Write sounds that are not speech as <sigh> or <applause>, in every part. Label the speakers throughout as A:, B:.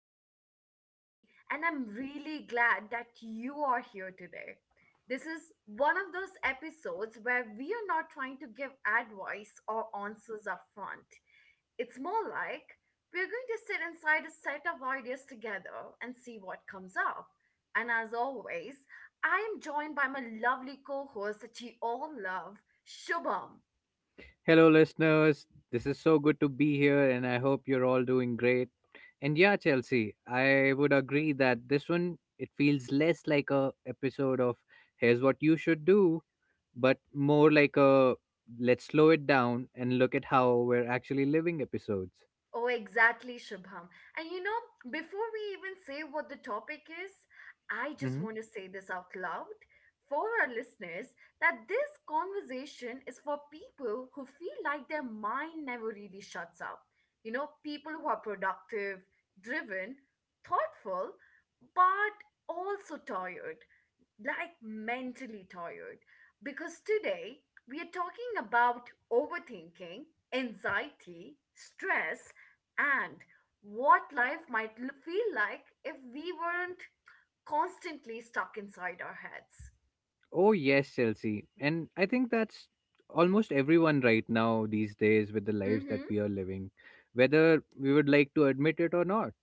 A: I am Chelsea, and I'm really glad that you are here today. This is one of those episodes where we are not trying to give advice or answers up front. It's more like we're going to sit inside a set of ideas together and see what comes up. And as always, I am joined by my lovely co host that you all love, Shubham.
B: Hello, listeners. This is so good to be here, and I hope you're all doing great. And yeah, Chelsea, I would agree that this one it feels less like a episode of "Here's what you should do," but more like a "Let's slow it down and look at how we're actually living" episodes.
A: Oh, exactly, Shubham. And you know, before we even say what the topic is, I just
B: hmm
A: want to say this out loud for our listeners that this conversation is for people who feel like their mind never really shuts up. You know, people who are productive, driven, thoughtful, but also tired, like mentally tired, because today we are talking about overthinking, anxiety, stress, and what life might feel like if we weren't constantly stuck inside our heads.
B: Oh yes, Chelsea, and I think that's almost everyone right now these days with the lives that
A: Mm-hmm.
B: we are living, whether we would like to admit it or not.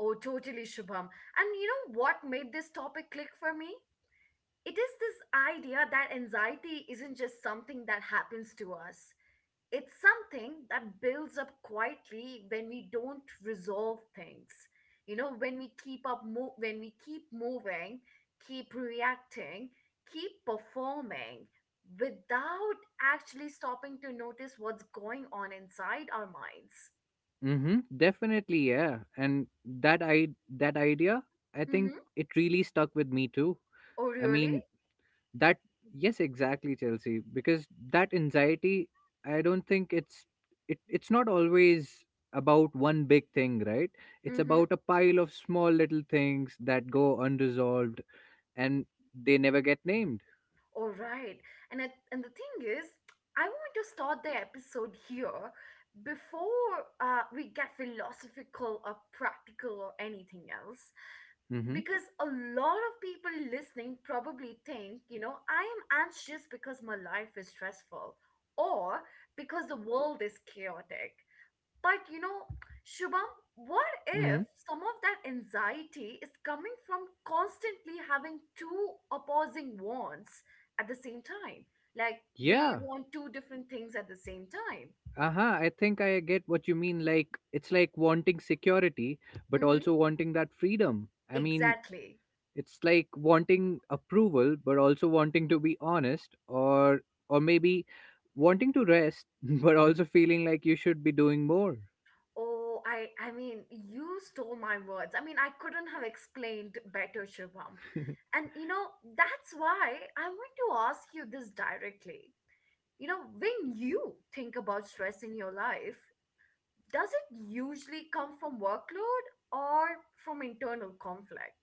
A: Oh, totally, Shubham. And you know what made this topic click for me? It is this idea that anxiety isn't just something that happens to us. It's something that builds up quietly when we don't resolve things. You know, when we when we keep moving, keep reacting, keep performing without actually stopping to notice what's going on inside our minds.
B: Mm-hmm. Definitely, yeah. And that idea, I think
A: Mhm.
B: it really stuck with me too.
A: Oh
B: I
A: really?
B: mean, that yes, exactly, Chelsea. Because that anxiety, I don't think it's it's not always about one big thing, right? It's
A: Mhm.
B: about a pile of small little things that go unresolved and they never get named.
A: All right. And the thing is, I want to start the episode here before we get philosophical or practical or anything else
B: Mm-hmm.
A: because a lot of people listening probably think, you know, I am anxious because my life is stressful or because the world is chaotic. But, you know, Shubham, what
B: Mm-hmm.
A: if some of that anxiety is coming from constantly having two opposing wants at the same time? Like, we
B: Yeah.
A: want two different things at the same time.
B: Uh-huh I think I get what you mean. Like it's like wanting security but
A: Hmm.
B: also wanting that freedom. I mean,
A: Exactly.
B: it's like wanting approval but also wanting to be honest, or maybe wanting to rest <laughs> but also feeling like you should be doing more.
A: Oh, I mean, you stole my words. I mean, I couldn't have explained better, Shubham.
B: <laughs>
A: And you know, that's why I want to ask you this directly. You know, when you think about stress in your life, does it usually come from workload or from internal conflict?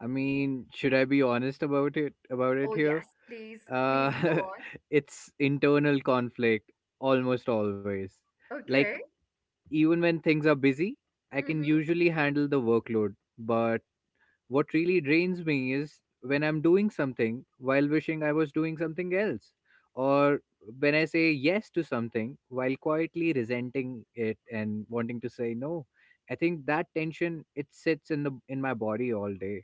B: Should I be honest about it
A: Oh,
B: here?
A: yes, please,
B: uh
A: please go on.
B: <laughs> it's internal conflict, almost always. Like
A: Okay.
B: even when things are busy I can
A: Mm-hmm.
B: usually handle the workload, but what really drains me is when I'm doing something while wishing I was doing something else, or when I say yes to something while quietly resenting it and wanting to say no. I think that tension it sits in the in my body all day.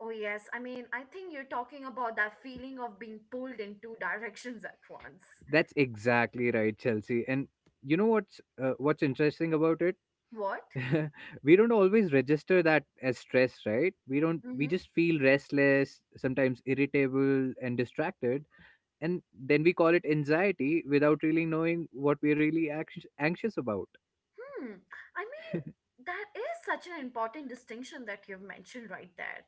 A: Oh, yes. I mean, I think you're talking about that feeling of being pulled in two directions at once.
B: That's exactly right, Chelsea. And what's interesting about it?
A: What?
B: <laughs> We don't always register that as stress, right? We don't. We just feel restless, sometimes irritable and distracted, and then we call it anxiety without really knowing what we're really anxious about.
A: Hmm. I mean, that is such an important distinction that you've mentioned right there.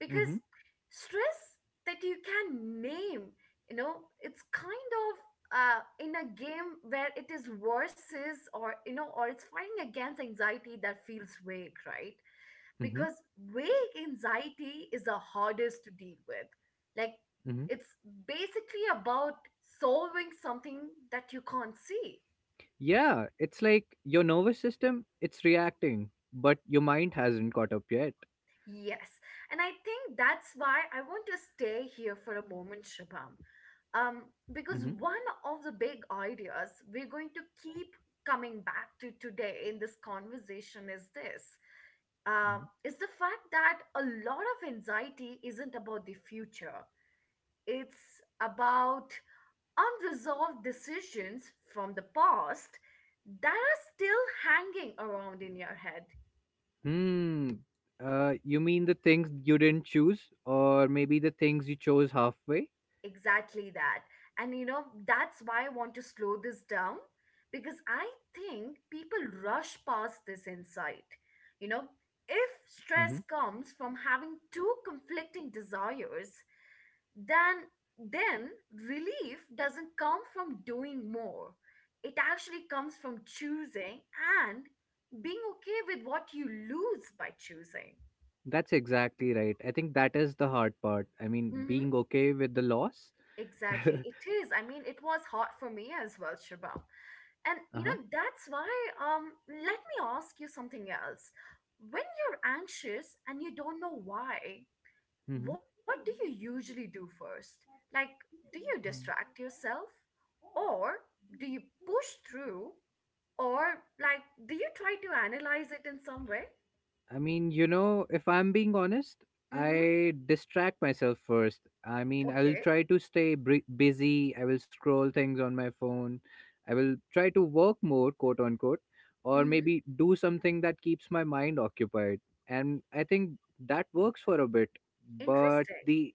A: Because
B: hmm
A: stress that you can name, you know, it's kind of in a game where it is versus or, you know, or it's fighting against anxiety that feels vague, right?
B: hmm
A: Because vague anxiety is the hardest to deal with. Like,
B: hmm
A: it's basically about solving something that you can't see.
B: yeah, it's like your nervous system it's reacting but your mind hasn't caught up yet.
A: Yes. And I think that's why I want to stay here for a moment, Shubham. Um, because
B: hmm
A: one of the big ideas we're going to keep coming back to today in this conversation is this is the fact that a lot of anxiety isn't about the future, it's about unresolved decisions from the past that are still hanging around in your head.
B: hmm uh, you mean the things you didn't choose, or maybe the things you chose halfway?
A: Exactly that. And you know, that's why I want to slow this down because I think people rush past this insight. You know, if stress
B: Mm-hmm.
A: comes from having two conflicting desires, then then relief doesn't come from doing more. It actually comes from choosing and being okay with what you lose by choosing.
B: That's exactly right. I think that is the hard part. I mean,
A: Hmm.
B: being okay with the loss. <laughs> Uh-huh.
A: Exactly. It is. I mean, it was hard for me as well, Shubham. And you know, that's why let me ask you something else. When you're anxious and you don't know why,
B: Mm-hmm.
A: what do you usually do first? Like, do you distract yourself or do you push through or like do you try to analyze it in some way?
B: I mean, you know, if I'm being honest,
A: Mhm.
B: I distract myself first. I mean, I'll
A: Okay.
B: try to stay busy. I will scroll things on my phone. I will try to work more, quote unquote, or
A: Mhm.
B: maybe do something that keeps my mind occupied. And I think that works for a bit. But
A: Interesting.
B: the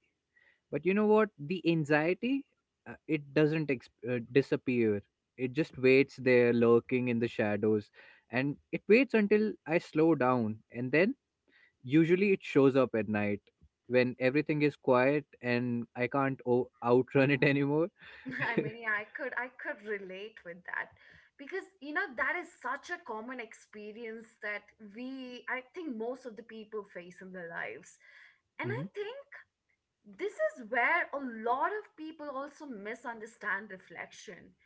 B: but you know what? The anxiety, it doesn't ex- disappear. It just waits there, lurking in the shadows, and it waits until I slow down, and then usually it shows up at night when everything is quiet and I can't outrun it anymore.
A: <laughs> I mean,
B: <laughs>
A: yeah, I could relate with that because you know that is such a common experience that we I think most of the people face in their lives. And I
B: hmm
A: think this is where a lot of people also misunderstand reflection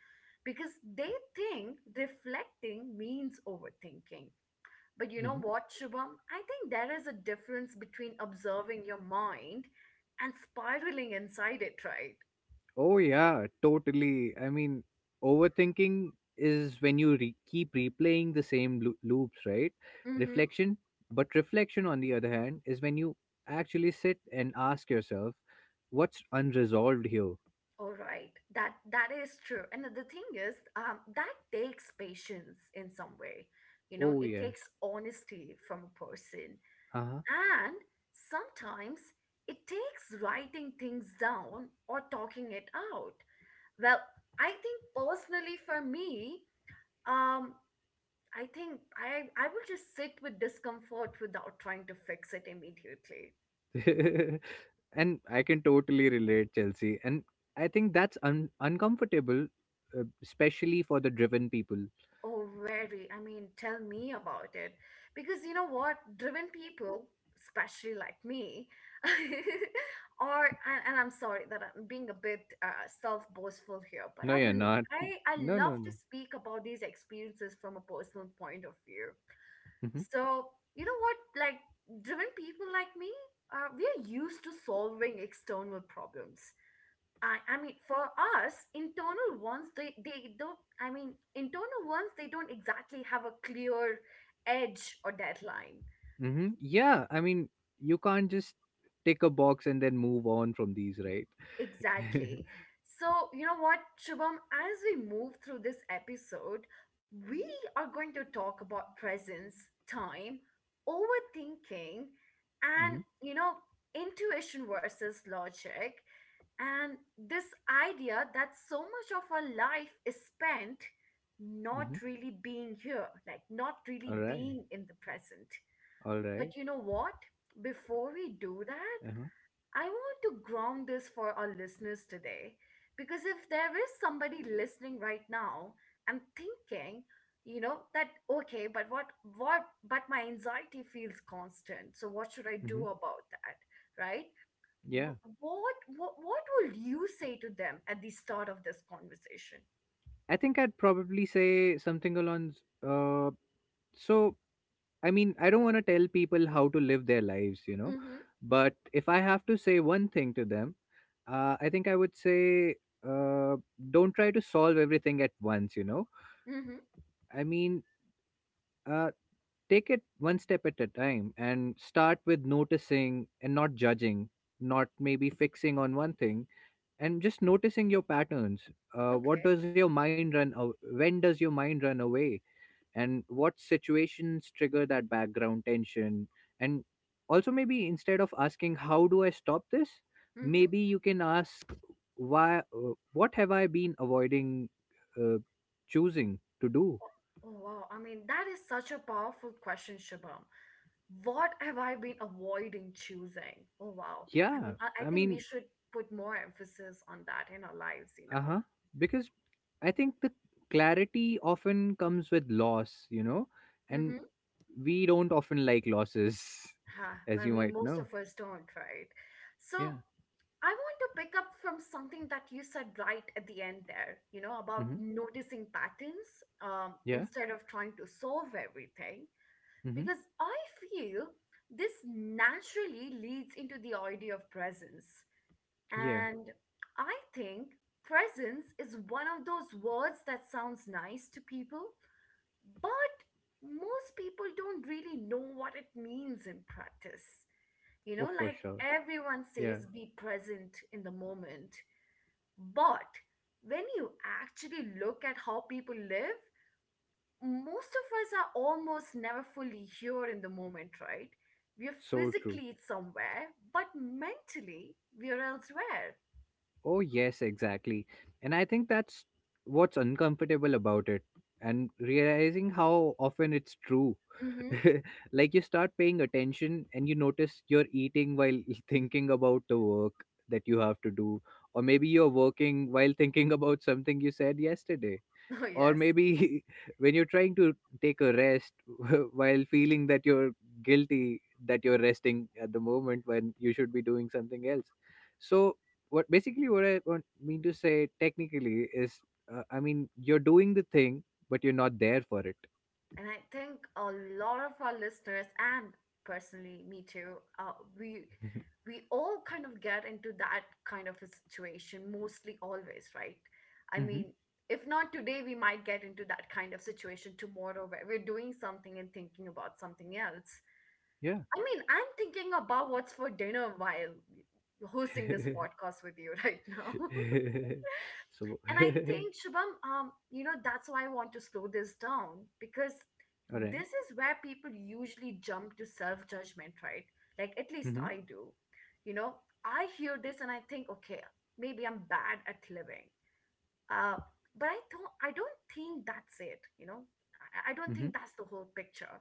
A: because they think reflecting means overthinking. But you know
B: hmm
A: what, Shubham? I think there is a difference between observing your mind and spiraling inside it, right?
B: Oh, yeah, totally. I mean, overthinking is when you keep replaying the same loops, right?
A: Mm-hmm.
B: Reflection, reflection, on the other hand, is when you actually sit and ask yourself, what's unresolved here?
A: All right, that is true. And the thing is, that takes patience in some way. You know,
B: Oh,
A: it
B: yes.
A: takes honesty from a person,
B: Uh
A: and sometimes it takes writing things down or talking it out. Well, I think personally for me, um, I think I will just sit with discomfort without trying to fix it immediately.
B: huh. <laughs> And I can totally relate, Chelsea. And I think that's uncomfortable, especially for the driven people.
A: Oh, very. I mean, tell me about it. Because you know what? Driven people, especially like me, <laughs> and I'm sorry that I'm being a bit self-boastful here, but
B: No,
A: I
B: you're
A: will,
B: not. <laughs>
A: I
B: No,
A: love
B: no,
A: to
B: no.
A: speak about these experiences from a personal point of view.
B: hmm
A: So, you know what? Like, driven people like me, we are used to solving external problems. I mean, for us, internal ones, they don't, I mean, internal ones, they don't exactly have a clear edge or deadline.
B: Yeah, I mean, you can't just tick a box and then move on from these, right? <laughs> Mm-hmm.
A: Exactly. So, you know what, Shubham, as we move through this episode, we are going to talk about presence, time, overthinking, and, you know, intuition versus logic, and this idea that so much of our life is spent not
B: Mm-hmm.
A: really being here, like not
B: All
A: really
B: right.
A: being in the present.
B: All right.
A: But you know what? Before we do that,
B: Uh-huh.
A: I want to ground this for our listeners today because if there is somebody listening right now and thinking, you know, that okay, but what but my anxiety feels constant. So what should I do
B: Mm-hmm.
A: about that? Right?
B: Yeah.
A: What will you say to them at the start of this conversation?
B: I think I'd probably say something along. S- Uh, so I mean, I don't want to tell people how to live their lives, you know,
A: Mhm.
B: but if I have to say one thing to them, I think I would say uh, don't try to solve everything at once, you know.
A: Mhm.
B: I mean, uh, take it one step at a time and start with noticing and not judging, not maybe fixing on one thing, and just noticing your patterns. What
A: Okay.
B: does your mind run? Aw- When does your mind run away? And what situations trigger that background tension? And also, maybe instead of asking how do I stop this,
A: Mhm.
B: maybe you can ask why. What have I been avoiding uh, choosing to do?
A: Oh, wow. I mean, that is such a powerful question, Shabam. What have I been avoiding choosing? Oh, wow. I
B: Yeah,
A: mean, I
B: I
A: think we
B: mean,
A: should put more emphasis on that in our lives, you know.
B: uh-huh, because I think the clarity often comes with loss, you know, and
A: Mm-hmm.
B: we don't often like losses.
A: Ha,
B: <laughs> As
A: I
B: you
A: mean,
B: might
A: most
B: know.
A: of us don't, right? So
B: yeah
A: I want to pick up from something that you said right at the end there, you know, about
B: mm-hmm.
A: noticing patterns
B: yeah
A: instead of trying to solve everything.
B: mm-hmm.
A: Because I feel this naturally leads into the idea of presence.
B: yeah
A: And I think presence is one of those words that sounds nice to people, but most people don't really know what it means in practice. You
B: oh,
A: know,
B: for
A: like
B: sure.
A: everyone
B: Yeah.
A: says, be present in the moment. But when you actually look at how people live, most of us are almost never fully here in the moment, right? We're
B: So true.
A: physically somewhere, but mentally we're elsewhere.
B: Oh, yes, exactly. And I think that's what's uncomfortable about it, and realizing how often it's true.
A: Mm-hmm.
B: <laughs> Like you start paying attention and you notice you're eating while <laughs> thinking about the work that you have to do, or maybe you're working while thinking about something you said yesterday.
A: <laughs> Oh,
B: Or
A: yes.
B: maybe <laughs> when you're trying to take a rest <laughs> while feeling that you're guilty that you're resting at the moment when you should be doing something else. So what basically what I want mean to say technically is, I mean, you're doing the thing but you're not there for it.
A: And I think a lot of our listeners, and personally, me too, we all kind of get into that kind of a situation, mostly always, right? I
B: hmm
A: mean, if not today, we might get into that kind of situation tomorrow where we're doing something and thinking about something else.
B: yeah.
A: I mean, I'm thinking about what's for dinner while hosting
B: <laughs>
A: this podcast with you <laughs> right now. <laughs>
B: so <laughs>
A: And I think, Shubham, you know, that's why I want to slow this down because
B: all right.
A: this is where people usually jump to self judgment, right? Like, at least
B: mm-hmm,
A: I do. You know, I hear this and I think, okay, maybe I'm bad at living. Uh, but don't. I don't think that's it, you know? I don't
B: mm-hmm,
A: think that's the whole picture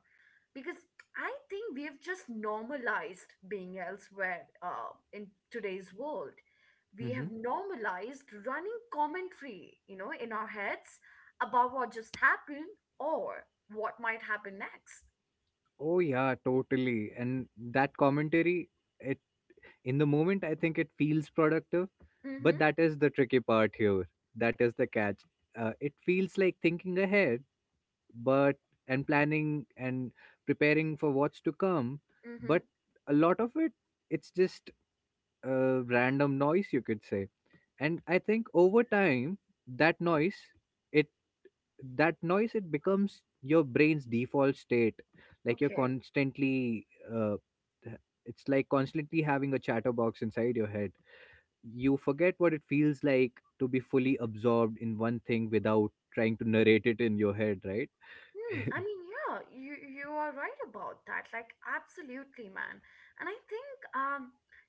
A: because I think we have just normalized being elsewhere in today's world. We
B: mm-hmm.
A: have normalized running commentary, you know, in our heads about what just happened or what might happen next.
B: Oh yeah, totally. And that commentary in the moment, I think it feels productive, but
A: Mm-hmm.
B: that is the tricky part here, that is the catch. Uh, it feels like thinking ahead, but and planning and preparing for what's to come.
A: Mm-hmm.
B: But a lot of it, it's just random noise, you could say. And I think over time, that noise it that noise it becomes your brain's default state. Like you're
A: Okay.
B: constantly uh, th- it's like constantly having a chatterbox inside your head. You forget what it feels like to be fully absorbed in one thing without trying to narrate it in your head, right?
A: Hmm.
B: <laughs>
A: I mean, yeah, you are right about that. Like, absolutely, man. And I think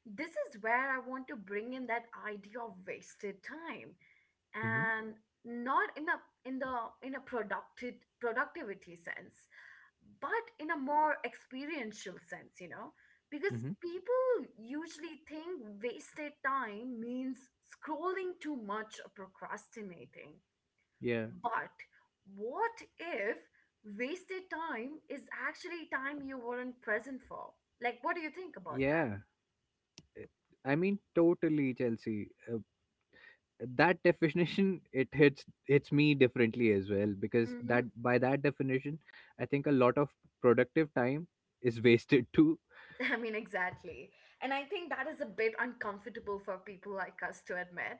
A: this is where I want to bring in that idea of wasted time
B: hmm
A: and not in a in the in a productive productivity sense but in a more experiential sense, you know, because
B: hmm
A: people usually think wasted time means scrolling too much or procrastinating,
B: Yeah.
A: but what if wasted time is actually time you weren't present for? Like what do you think about that?
B: Yeah. I mean, totally, Chelsea. That definition it hits me differently as well, because
A: Hmm.
B: that by that definition, I think a lot of productive time is <laughs> wasted too.
A: <laughs> I mean, exactly. And I think that is a bit uncomfortable for people like us to admit.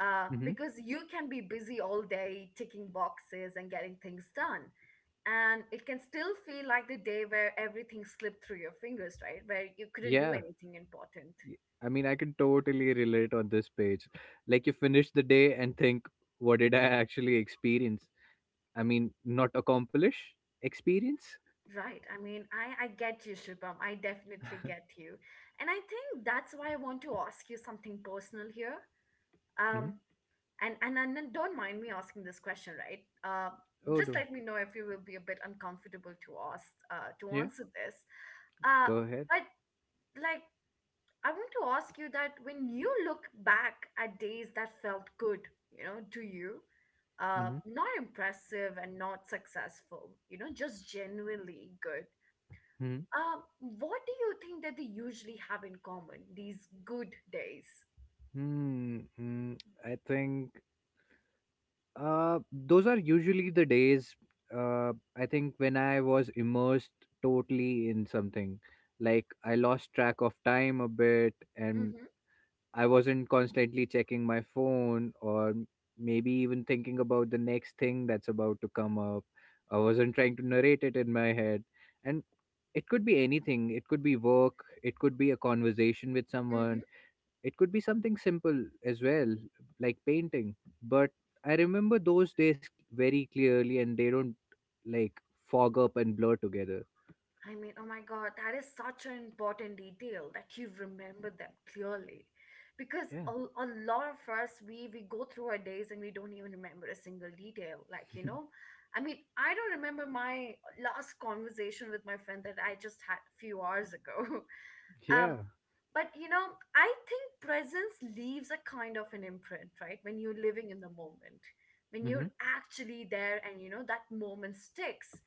B: hmm
A: Because you can be busy all day ticking boxes and getting things done. And it can still feel like the day where everything slipped through your fingers, right? Where you couldn't do
B: Yeah.
A: anything important.
B: Y- I mean, I can totally relate on this page. Like you finish the day and think, what did I actually experience? I mean, not accomplish, experience.
A: Right. I mean, I get you, Shubham. I definitely get you. And I think that's why I want to ask you something personal here.
B: hmm
A: Um, and don't mind me asking this question, right?
B: Oh
A: Just
B: no,
A: let me know if you will be a bit uncomfortable to ask to
B: yeah.
A: answer this. Uh,
B: Go ahead.
A: but like I want to ask you that when you look back at days that felt good, you know, to you,
B: Mm-hmm.
A: not impressive and not successful, you know, just genuinely good.
B: hmm
A: What do you think that they usually have in common, these good days?
B: Hmm. hmm. I think those are usually the days. I think when I was immersed totally in something, like I lost track of time a bit, and
A: Mm-hmm,
B: I wasn't constantly checking my phone or maybe even thinking about the next thing that's about to come up. I wasn't trying to narrate it in my head. And it could be anything. It could be work. It could be a conversation with
A: mm-hmm.
B: someone. It could be something simple as well, like painting. But I remember those days very clearly, and they don't like fog up and blur together.
A: I mean, oh my God, that is such an important detail that you remember them clearly. Because
B: Yeah.
A: a lot of us, we go through our days and we don't even remember a single detail. Like, I mean, I don't remember my last conversation with my friend that I just had a few hours ago. <laughs> Um,
B: Yeah.
A: but, I think presence leaves a kind of an imprint, right? When you're living in the moment, when
B: Mm-hmm.
A: you're actually there and, that moment sticks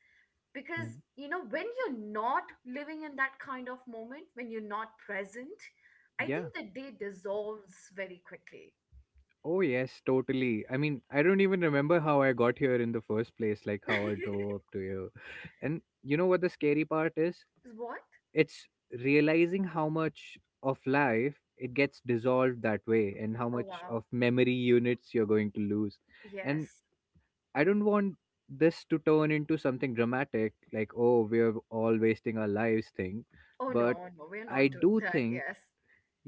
A: because
B: hmm
A: you know when you're not living in that kind of moment when you're not present, I
B: Yeah.
A: think the day dissolves very quickly.
B: Oh, yes, totally. I mean, I don't even remember how I got here in the first place, like how I drove up
A: <laughs>
B: to here. And you know what the scary part is?
A: What?
B: It's realizing how much of life it gets dissolved that way, and how
A: Oh
B: much
A: wow,
B: of memory units you're going to lose. And
A: yes.
B: I don't want this to turn into something dramatic, like oh, we're all wasting our lives thing.
A: Oh
B: But
A: no, no, we're
B: I
A: not
B: do
A: doing that,
B: think,
A: yes.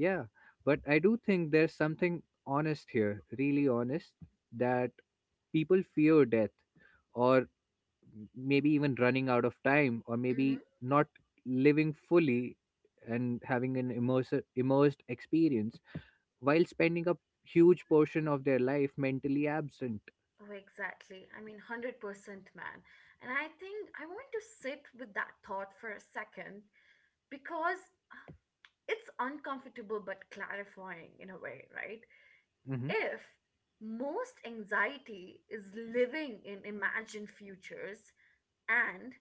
B: yeah, but I do think there's something honest here, really honest, that people fear death, or maybe even running out of time, or
A: Mm-hmm.
B: maybe not living fully and having an immersive immersed experience, while spending a huge portion of their life mentally absent.
A: Oh exactly, I mean 100%. Man, and I think I want to sit with that thought for a second because it's uncomfortable but clarifying in a way, right?
B: hmm
A: If most anxiety is living in imagined futures and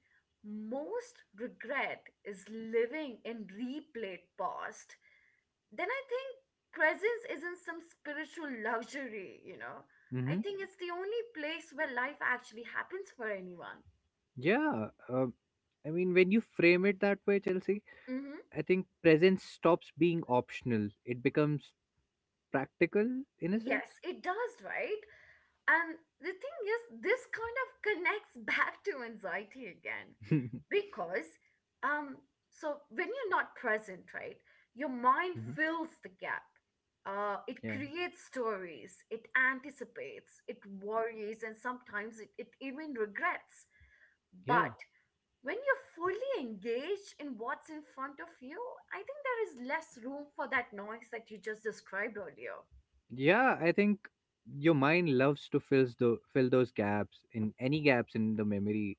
A: most regret is living in replayed past, then I think presence isn't some spiritual luxury, you know. I
B: hmm
A: think it's the only place where life actually happens for anyone.
B: yeah. I mean, when you frame it that way, Chelsea,
A: Mm-hmm.
B: I think presence stops being optional. It becomes practical, in a
A: Yes,
B: sense.
A: it does, right? And the thing is, this kind of connects back to anxiety again
B: <laughs>
A: because, um, so when you're not present, right, your mind
B: Mhm.
A: fills the gap. It
B: yeah
A: creates stories, it anticipates, it worries, and sometimes it even regrets.
B: yeah
A: But when you're fully engaged in what's in front of you, I think there is less room for that noise that you just described earlier.
B: yeah, I think your mind loves to fill those gaps, in any gaps in the memory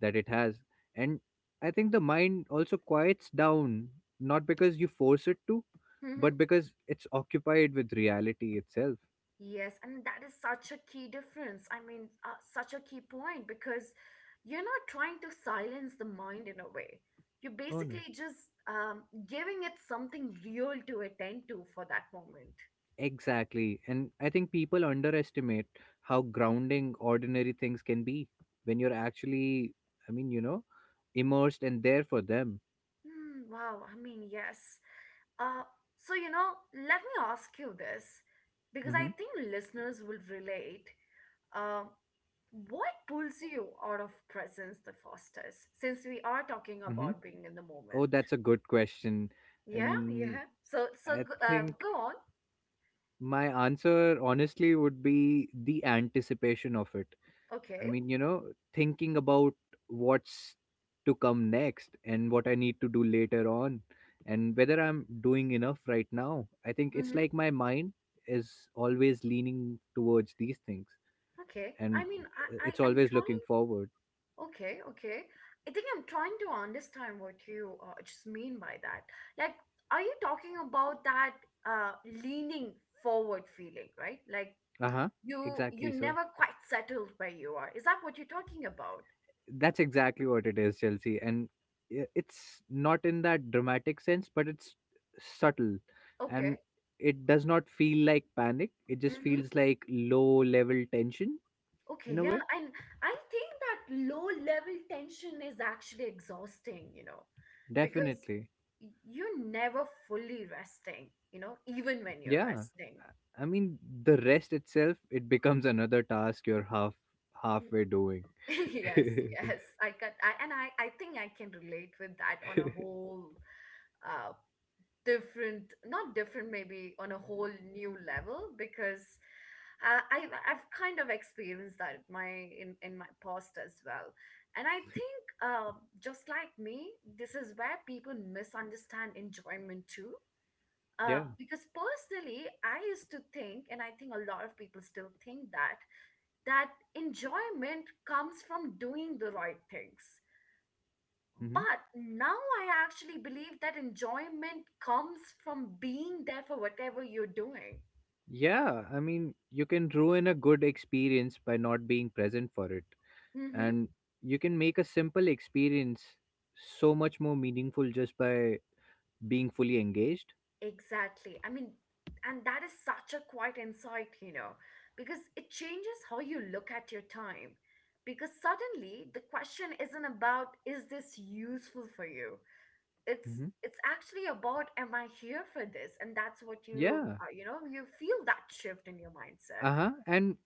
B: that it has. And I think the mind also quiets down, not because you force it to,
A: Mm-hmm.
B: but because it's occupied with reality itself.
A: Yes, and that is such a key difference. I mean, such a key point because you're not trying to silence the mind in a way. You're
B: Oh no.
A: basically just giving it something real to attend to for that moment.
B: Exactly. And I think people underestimate how grounding ordinary things can be when you're actually, I mean, you know, immersed and there for them.
A: Hmm, wow, I mean, yes. Uh, so, you know, let me ask you this because I
B: Mm-hmm.
A: think listeners will relate. Um, what pulls you out of presence the fastest since we are talking
B: Mm-hmm.
A: about being in the
B: Oh,
A: moment?
B: that's a good question.
A: Yeah,
B: And
A: yeah. So,
B: I think
A: go on.
B: my answer honestly would be the anticipation of it.
A: Okay.
B: I mean, you know, thinking about what's to come next and what I need to do later on, and whether I'm doing enough right now. I think it's
A: Mm-hmm.
B: like my mind is always leaning towards these things,
A: Okay.
B: and
A: I mean,
B: it's
A: I'm
B: always looking
A: trying.
B: forward.
A: Okay, okay. I think I'm trying to understand what you just mean by that. Like, are you talking about that uh, leaning forward feeling, right? Like
B: Uh huh.
A: you
B: Exactly. So
A: never quite settled where you are. Is that what you're talking about?
B: that's exactly what it is, Chelsea. And it's not in that dramatic sense, but it's subtle. And
A: Okay.
B: it does not feel like panic. It just feels like low level tension,
A: Okay,
B: in a
A: yeah,
B: way.
A: and I think that low level tension is actually exhausting, you know, because
B: Definitely.
A: you're never fully resting, you know, even when you're
B: Yeah.
A: resting.
B: I mean, the rest itself, it becomes another task you're
A: N-
B: halfway doing.
A: <laughs>
B: <laughs>
A: Yes, yes, I can, and I think I can relate with that on a whole, uh, different, not different, maybe on a whole new level because I I've kind of experienced that in in my past as well. And I think just like me, this is where people misunderstand enjoyment too.
B: Yeah.
A: Because personally, I used to think, and I think a lot of people still think that, that enjoyment comes from doing the right things.
B: hmm
A: But now I actually believe that enjoyment comes from being there for whatever you're doing.
B: Yeah. I mean, you can ruin a good experience by not being present for it,
A: Mm-hmm.
B: and you can make a simple experience so much more meaningful just by being fully engaged.
A: Exactly. I mean, and that is such a quiet insight, you know, because it changes how you look at your time. Because suddenly the question isn't about is this useful for you?
B: hmm
A: It's actually about am I here for this? And that's what you
B: Yeah.
A: you know, you feel that shift in your mindset.
B: Uh huh. And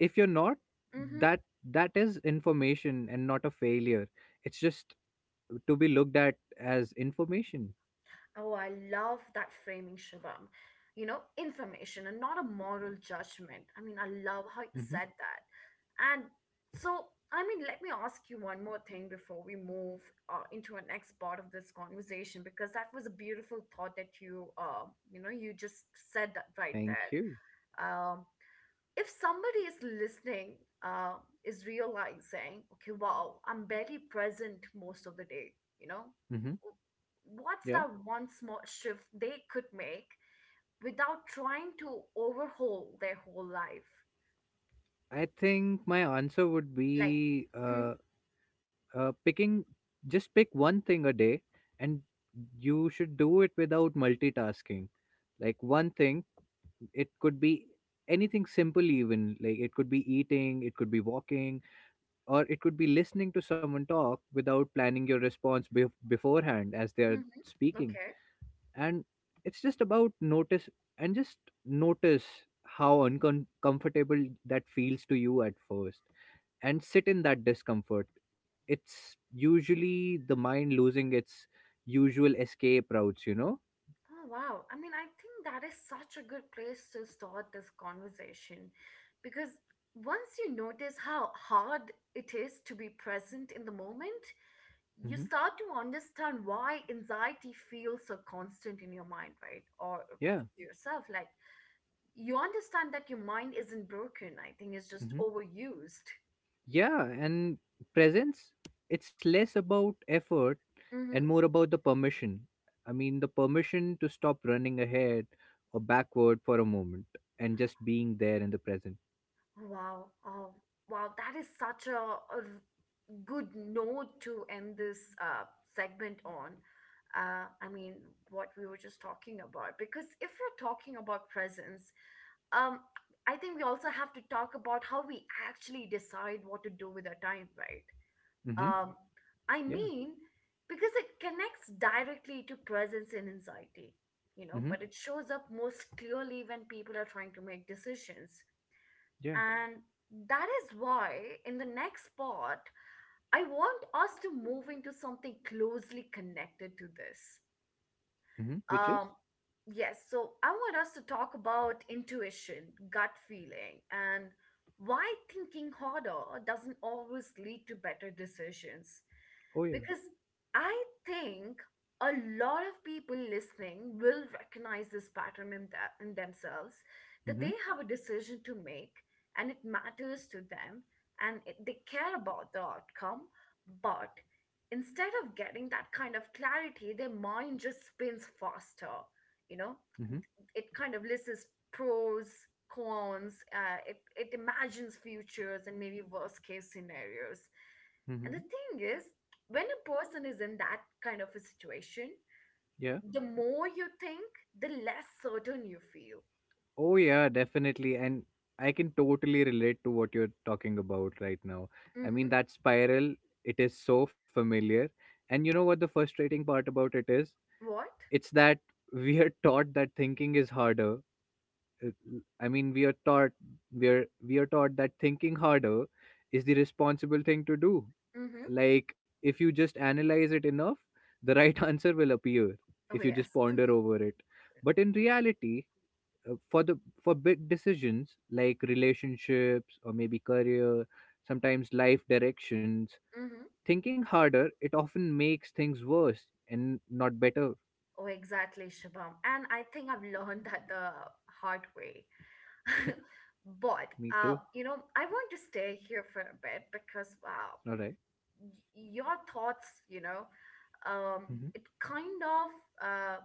B: if you're not,
A: Mm-hmm.
B: that that is information and not a failure. It's just to be looked at as information.
A: Oh, I love that framing, Shubham. You know, information and not a moral judgment. I mean, I love how you
B: Hmm
A: said that. And so, I mean, let me ask you one more thing before we move into our next part of this conversation, because that was a beautiful thought that you, you know, you just said that right
B: Thank you.
A: there. Um, if somebody is listening, uh, is realizing, okay, wow, I'm barely present most of the day, you know,
B: Hmm
A: what's
B: Yeah,
A: that one small shift they could make without trying to overhaul their whole life?
B: I think my answer would
A: Like,
B: be picking just pick one thing a day, and you should do it without multitasking. Like one thing, it could be anything simple, even like it could be eating, it could be walking, or it could be listening to someone talk without planning your response beforehand as they are
A: mm-hmm,
B: speaking,
A: okay.
B: and it's just about notice and just notice how uncomfortable that feels to you at first and sit in that discomfort. It's usually the mind losing its usual escape routes.
A: Oh, wow. I mean, I think that is such a good place to start this conversation because once you notice how hard it is to be present in the moment, you
B: Hmm
A: start to understand why anxiety feels so constant in your mind, right? Or
B: Yeah.
A: to yourself. Like you understand that your mind isn't broken. I think it's just
B: hmm
A: overused.
B: Yeah, and presence, it's less about effort and
A: Mm-hmm.
B: more about the permission. I mean, the permission to stop running ahead or backward for a moment and just being there in the present.
A: Wow. Oh, wow. That is such a good note to end this segment on. I mean, what we were just talking about. Because if you're talking about presence, um, I think we also have to talk about how we actually decide what to do with our time, right?
B: Hmm
A: Um, I
B: Yeah.
A: mean, because it connects directly to presence and anxiety, you know,
B: Mm-hmm.
A: but it shows up most clearly when people are trying to make decisions.
B: Yeah.
A: And that is why, in the next part, I want us to move into something closely connected to this.
B: Mm-hmm. Which is?
A: Um, yes, so I want us to talk about intuition, gut feeling, and why thinking harder doesn't always lead to better decisions.
B: Oh yeah.
A: Because I think a lot of people listening will recognize this pattern that, in themselves that
B: Mm-hmm.
A: they have a decision to make and it matters to them and they care about the outcome, but instead of getting that kind of clarity, their mind just spins faster. You know,
B: Mm-hmm.
A: it kind of lists pros, cons, it imagines futures and maybe worst case scenarios.
B: Mm-hmm.
A: And the thing is, when a person is in that kind of a situation,
B: Yeah.
A: the more you think, the less certain you feel.
B: Oh yeah, definitely. And I can totally relate to what you're talking about right now. I mean,
A: Mm-hmm.
B: that spiral, it is so familiar. And you know what the frustrating part about it is?
A: What?
B: It's that <laughs> we are taught that thinking is harder. Uh, I mean, we are taught that thinking harder is the responsible thing to do.
A: Mm-hmm.
B: Like, if you just analyze it enough, the right <laughs> answer will appear
A: Oh,
B: if you
A: yes.
B: just ponder over it. But in reality, uh, for the for big decisions like relationships or maybe career, sometimes life directions,
A: Mm-hmm.
B: thinking harder, it often makes things worse and not better.
A: Oh, exactly, Shabam. And I think I've learned that the hard way. <laughs> but
B: Me too.
A: uh, you know, I want to stay here for a bit because wow,
B: All right.
A: your thoughts, you know, um,
B: Mhm.
A: it kind of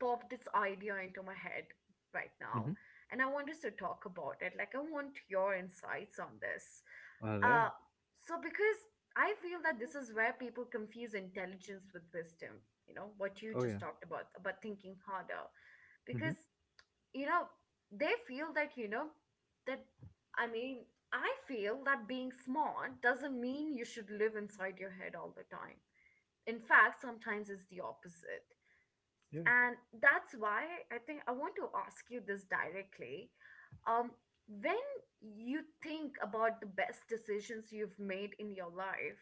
A: popped this idea into my head right
B: Mhm.
A: now, and I want us to talk about it. Like, I want your insights on this.
B: All right.
A: Uh, so because I feel that this is where people confuse intelligence with wisdom. You know what you
B: Oh yeah.
A: just talked about thinking harder,
B: Mhm.
A: because you know they feel that you know that, I mean, I feel that being smart doesn't mean you should live inside your head all the time. In fact, sometimes it's the opposite,
B: Yeah.
A: and that's why I think I want to ask you this directly. um when you think about the best decisions you've made in your life,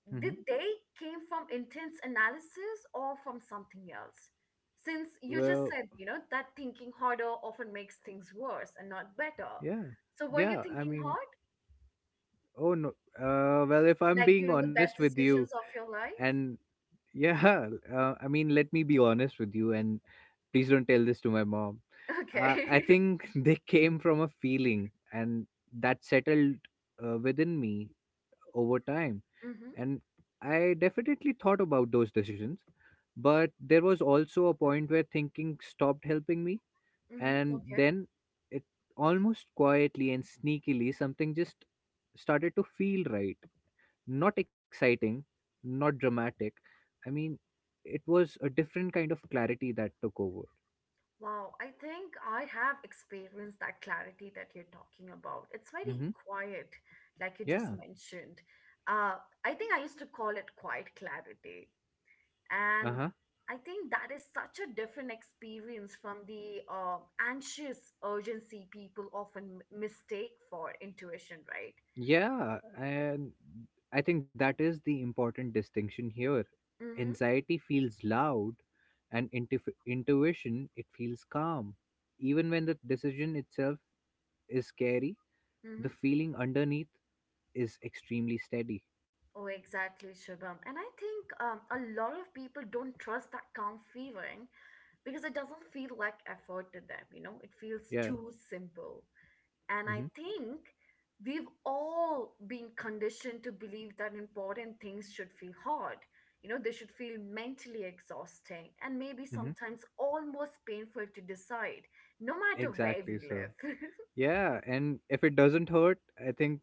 B: Mhm.
A: did they came from intense analysis or from something else, since you just
B: Well,
A: said, you know, that thinking harder often makes things worse and not better?
B: yeah.
A: So were you
B: Yeah, I
A: thinking
B: mean,
A: hard
B: oh no. If I'm
A: like
B: being
A: during the
B: honest
A: best
B: with you,
A: decisions of your life?
B: and yeah, <laughs> I mean, let me be honest with you, and please don't tell this to my mom. I
A: Okay. <laughs>
B: think <laughs> they came from a feeling, and that settled within me over time.
A: Mm-hmm,
B: And I definitely thought about those decisions, but there was also a point where thinking stopped helping me,
A: mm-hmm,
B: and
A: okay.
B: then it, almost quietly and sneakily, something just started to feel right. Not exciting, not dramatic. I mean, it was a different kind of clarity that took over.
A: Wow, I think I have experienced that clarity that you're talking about. It's very
B: Hmm
A: quiet, like you just
B: Yeah.
A: mentioned. uh, I think I used to call it quiet clarity.
B: Uh
A: And
B: huh.
A: I think that is such a different experience from the anxious urgency people often mistake for intuition, right?
B: Yeah. And I think that is the important distinction here.
A: Mm-hmm,
B: Anxiety feels loud, and intuition, it feels calm. Even when the decision itself is scary,
A: mm-hmm.
B: the feeling underneath is extremely steady.
A: Oh, exactly, Shubham. And I think a lot of people don't trust that calm feeling because it doesn't feel like effort to them, you know, it feels
B: Yeah.
A: too simple. And I
B: Mm-hmm.
A: think we've all been conditioned to believe that important things should feel hard. You know, they should feel mentally exhausting and maybe
B: Mm-hmm.
A: sometimes almost painful to decide, no matter where
B: Exactly,
A: we
B: sir.
A: live.
B: Yeah, and if it doesn't hurt, I think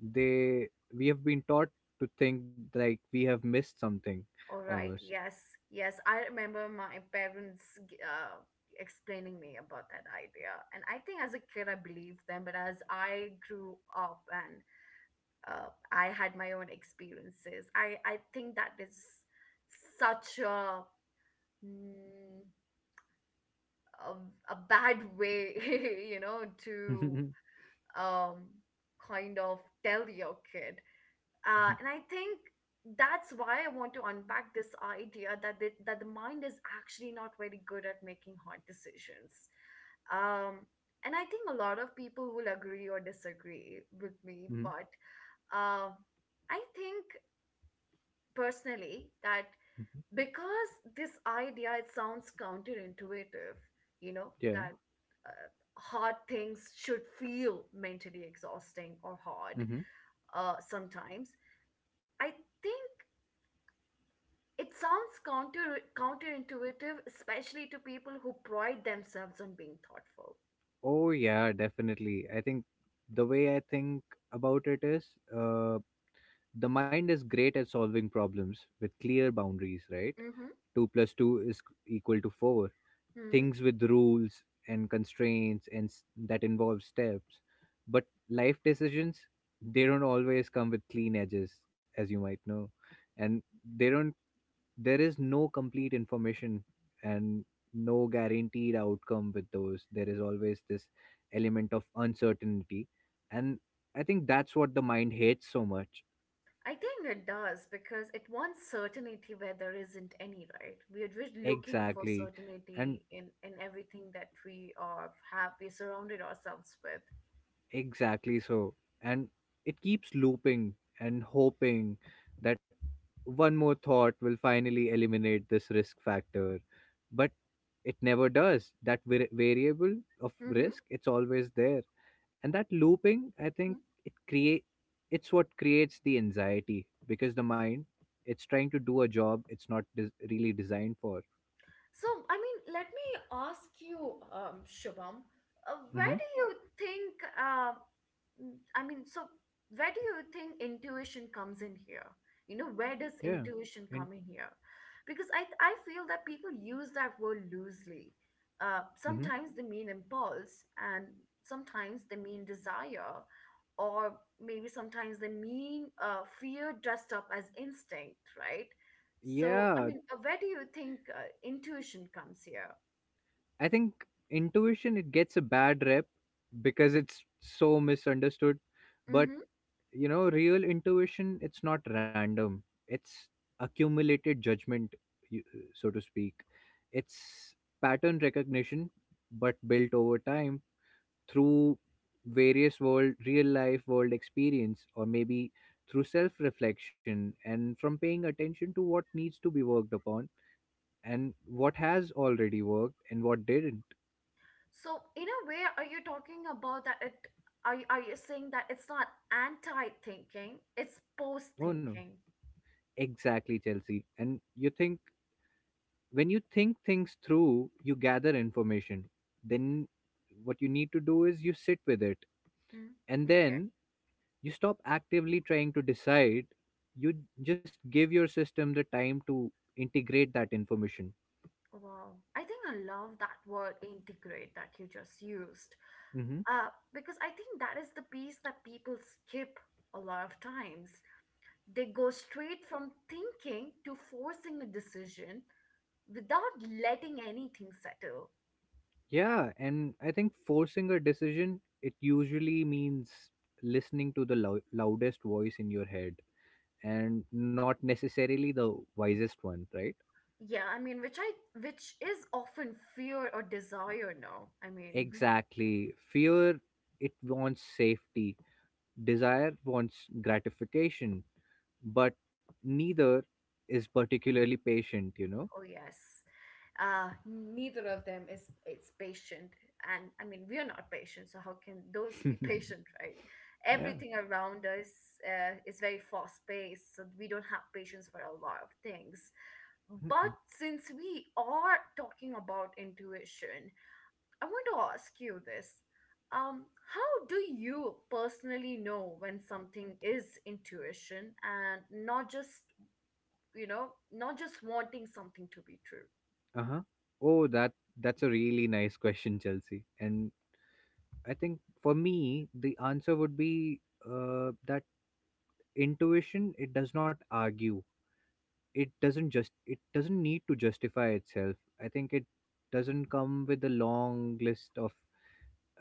B: they we have been taught to think like we have missed something,
A: <laughs> All right,
B: almost. <laughs>
A: yes, yes. I remember my parents g- uh, explaining me about that idea. And I think as a kid, I believed them, but as I grew up and I had my own experiences. I think that is such a mm, a, a bad way, <laughs> you know, to
B: Mhm.
A: um kind of tell your kid.
B: Mhm.
A: And I think that's why I want to unpack this idea that that the mind is actually not very good at making hard decisions. Um, and I think a lot of people will agree or disagree with me,
B: Mhm.
A: but uh, I think personally that
B: Mhm.
A: because this idea it sounds counterintuitive, you know,
B: Yeah.
A: that uh, hard things should feel mentally exhausting or hard.
B: hmm
A: Sometimes I think it sounds counterintuitive, especially to people who pride themselves on being thoughtful.
B: Oh yeah, definitely. I think the way I think about it is uh the mind is great at solving problems with clear boundaries, right?
A: Mm-hmm.
B: 2 plus 2 is equal to 4,
A: Mm-hmm.
B: things with rules and constraints, and that involve steps. But life decisions, they don't always come with clean edges, as you might know, and they don't there is no complete information and no guaranteed outcome with those. There is always this element of uncertainty, and I think that's what the mind hates so much.
A: I think it does because it wants certainty where there isn't any, right? We are just looking for
B: exactly and
A: certainty in everything that we are have we surrounded ourselves with.
B: Exactly so. And it keeps looping and hoping that one more thought will finally eliminate this risk factor. But it never does. That variable of
A: Mm-hmm.
B: risk, it's always there. And that looping, I think, it create it's what creates the anxiety, because the mind, it's trying to do a job it's not really designed for.
A: So, I mean, let me ask you, Shubham, where
B: Mhm.
A: do you think mm, I mean, so where do you think intuition comes in here? You know, where does
B: Yeah.
A: intuition
B: And
A: come in here? Because I feel that people use that word loosely. Uh,
B: mhm.
A: sometimes they mean impulse, and sometimes they mean desire, or maybe sometimes they mean fear dressed up as instinct, right? So, I
B: Yeah,
A: mean, where do you think intuition comes here?
B: I think intuition, it gets a bad rep because it's so misunderstood, but
A: Hmm.
B: real intuition, it's not random. It's accumulated judgment, you- so to speak. It's pattern recognition, but built over time through real life world experience, or maybe through self reflection and from paying attention to what needs to be worked upon and what has already worked and what didn't.
A: So, in a way, are you talking about that it, are you saying that it's not anti-thinking, it's
B: Oh no,
A: post-thinking?
B: exactly, Chelsea. And you think when you think things through, you gather information. Then what you need to do is you sit with it,
A: Hmm.
B: and
A: Okay.
B: then you stop actively trying to decide. You just give your system the time to integrate that information.
A: Wow, I think I love that word integrate that you just used.
B: Hmm
A: Uh, because I think that is the piece that people skip a lot of times. They go straight from thinking to forcing a decision without letting anything settle.
B: Yeah, and I think forcing a decision, it usually means listening to the loudest voice in your head and not necessarily the wisest one, right?
A: Yeah, I mean, which is often fear or desire, no. I mean, mhm.
B: Exactly. Fear, it wants safety. Desire wants gratification. But neither is particularly patient, you know?
A: Oh yes. Neither of them is it's patient. And I mean, we are not patient, so how can those be <laughs> patient, right?
B: <laughs> Yeah.
A: Everything around us is very fast paced, so we don't have patience for a lot of things. But since we are talking about intuition, I want to ask you this. Um, how do you personally know when something is intuition and not just, you know, not just wanting something to be true?
B: Uh huh. Oh, that's a really nice question, Chelsea. And I think for me, the answer would be that intuition, it does not argue. It doesn't need to justify itself. I think it doesn't come with a long list of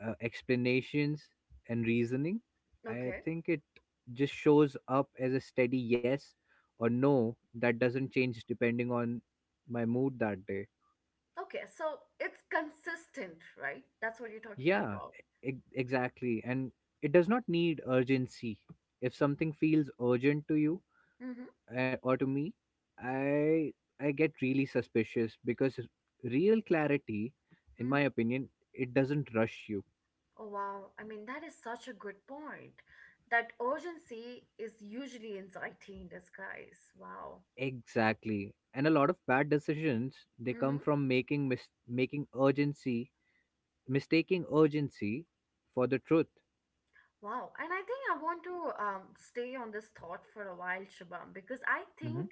B: explanations and reasoning. I
A: Okay.
B: think it just shows up as a steady yes or no that doesn't change depending on my mood that day.
A: Okay, so it's consistent, right? That's what you're talking
B: Yeah,
A: about.
B: exactly. And it does not need urgency. If something feels urgent to you
A: Mm-hmm.
B: or to me, I I get really suspicious because real clarity, in my
A: Mm-hmm.
B: opinion, it doesn't rush you.
A: Oh, wow. I mean, that is such a good point. That urgency is usually anxiety in disguise. Wow.
B: Exactly. And a lot of bad decisions, they
A: Mm-hmm.
B: come from making mis- making urgency mistaking urgency for the truth.
A: Wow, and I think I want to stay on this thought for a while, Shubham, because I
B: Hmm
A: think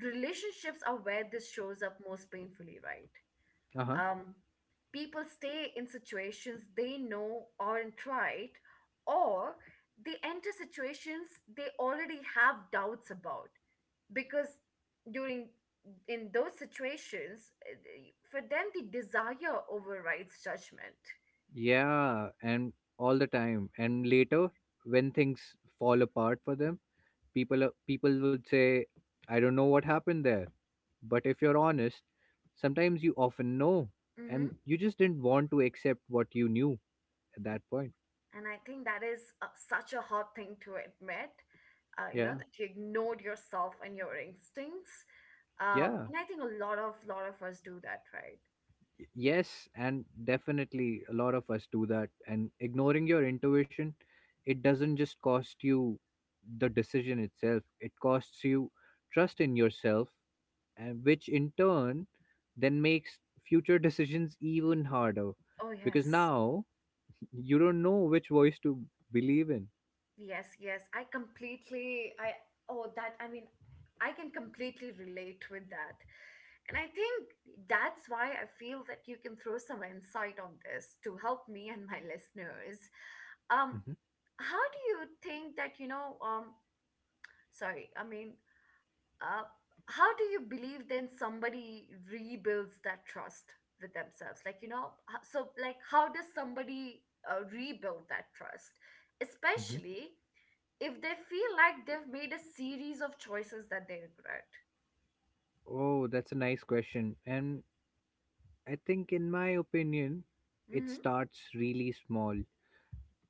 A: relationships are where this shows up most painfully, right?
B: Uh-huh.
A: Um, People stay in situations they know aren't right, or they enter situations they already have doubts about because during in those situations for them the desire overrides judgment.
B: Yeah, and all the time. And later, when things fall apart for them, people would say, I don't know what happened there. But if you're honest, sometimes you often know,
A: Hmm.
B: and you just didn't want to accept what you knew at that point.
A: And I think that is such a hard thing to admit, you know,
B: Yeah.
A: that you ignored yourself and your instincts,
B: Yeah.
A: and I think a lot of us do that, right?
B: Yes, and definitely a lot of us do that, and ignoring your intuition, it doesn't just cost you the decision itself, it costs you trust in yourself, and which in turn then makes future decisions even harder,
A: Oh
B: because
A: yes.
B: now you don't know which voice to believe in.
A: Yes, yes. I completely, I, oh, that, I mean, I can completely relate with that. And I think that's why I feel that you can throw some insight on this to help me and my <laughs> listeners. Um,
B: Hmm
A: how do you think that, you know, sorry, I mean, uh, how do you believe then somebody rebuilds that trust with themselves? Like, you know, how does somebody rebuild that trust?
B: hmm
A: Especially if they feel like they've made a series of choices that they regret.
B: Oh, that's a nice question, and I think, in my opinion, it
A: Hmm.
B: starts really small.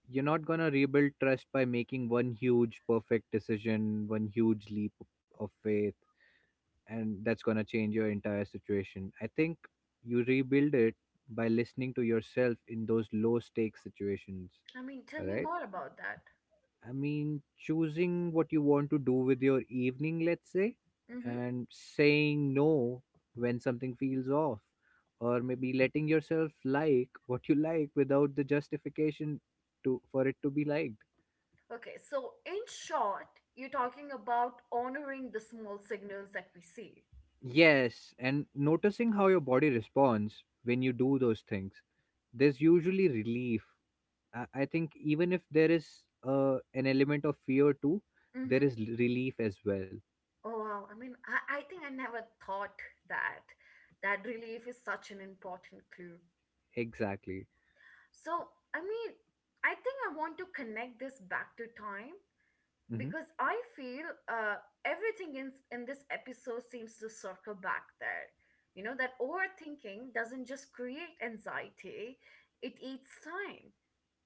B: You're not going to rebuild trust by making one huge perfect decision, one huge leap of faith, and that's going to change your entire situation. I think you rebuild it by listening to yourself in those low stakes situations.
A: I mean, tell
B: All
A: me
B: right.
A: more about that.
B: I mean, choosing what you want to do with your evening, let's say,
A: Hmm.
B: and saying no when something feels off, or maybe letting yourself like what you like without the justification to for it to be liked.
A: Okay, so in short, you're talking about honoring the small signals that we see.
B: Yes, and noticing how your body responds when you do those things, there's usually relief. I think even if there is an element of fear too, there
A: Hmm.
B: is relief as well.
A: Oh, wow. I mean, I think I never thought that. That relief is such an important clue.
B: Exactly.
A: So, I mean, I think I want to connect this back to time because
B: hmm
A: I feel everything in this episode seems to circle back there. You know that overthinking doesn't just create anxiety; it eats time,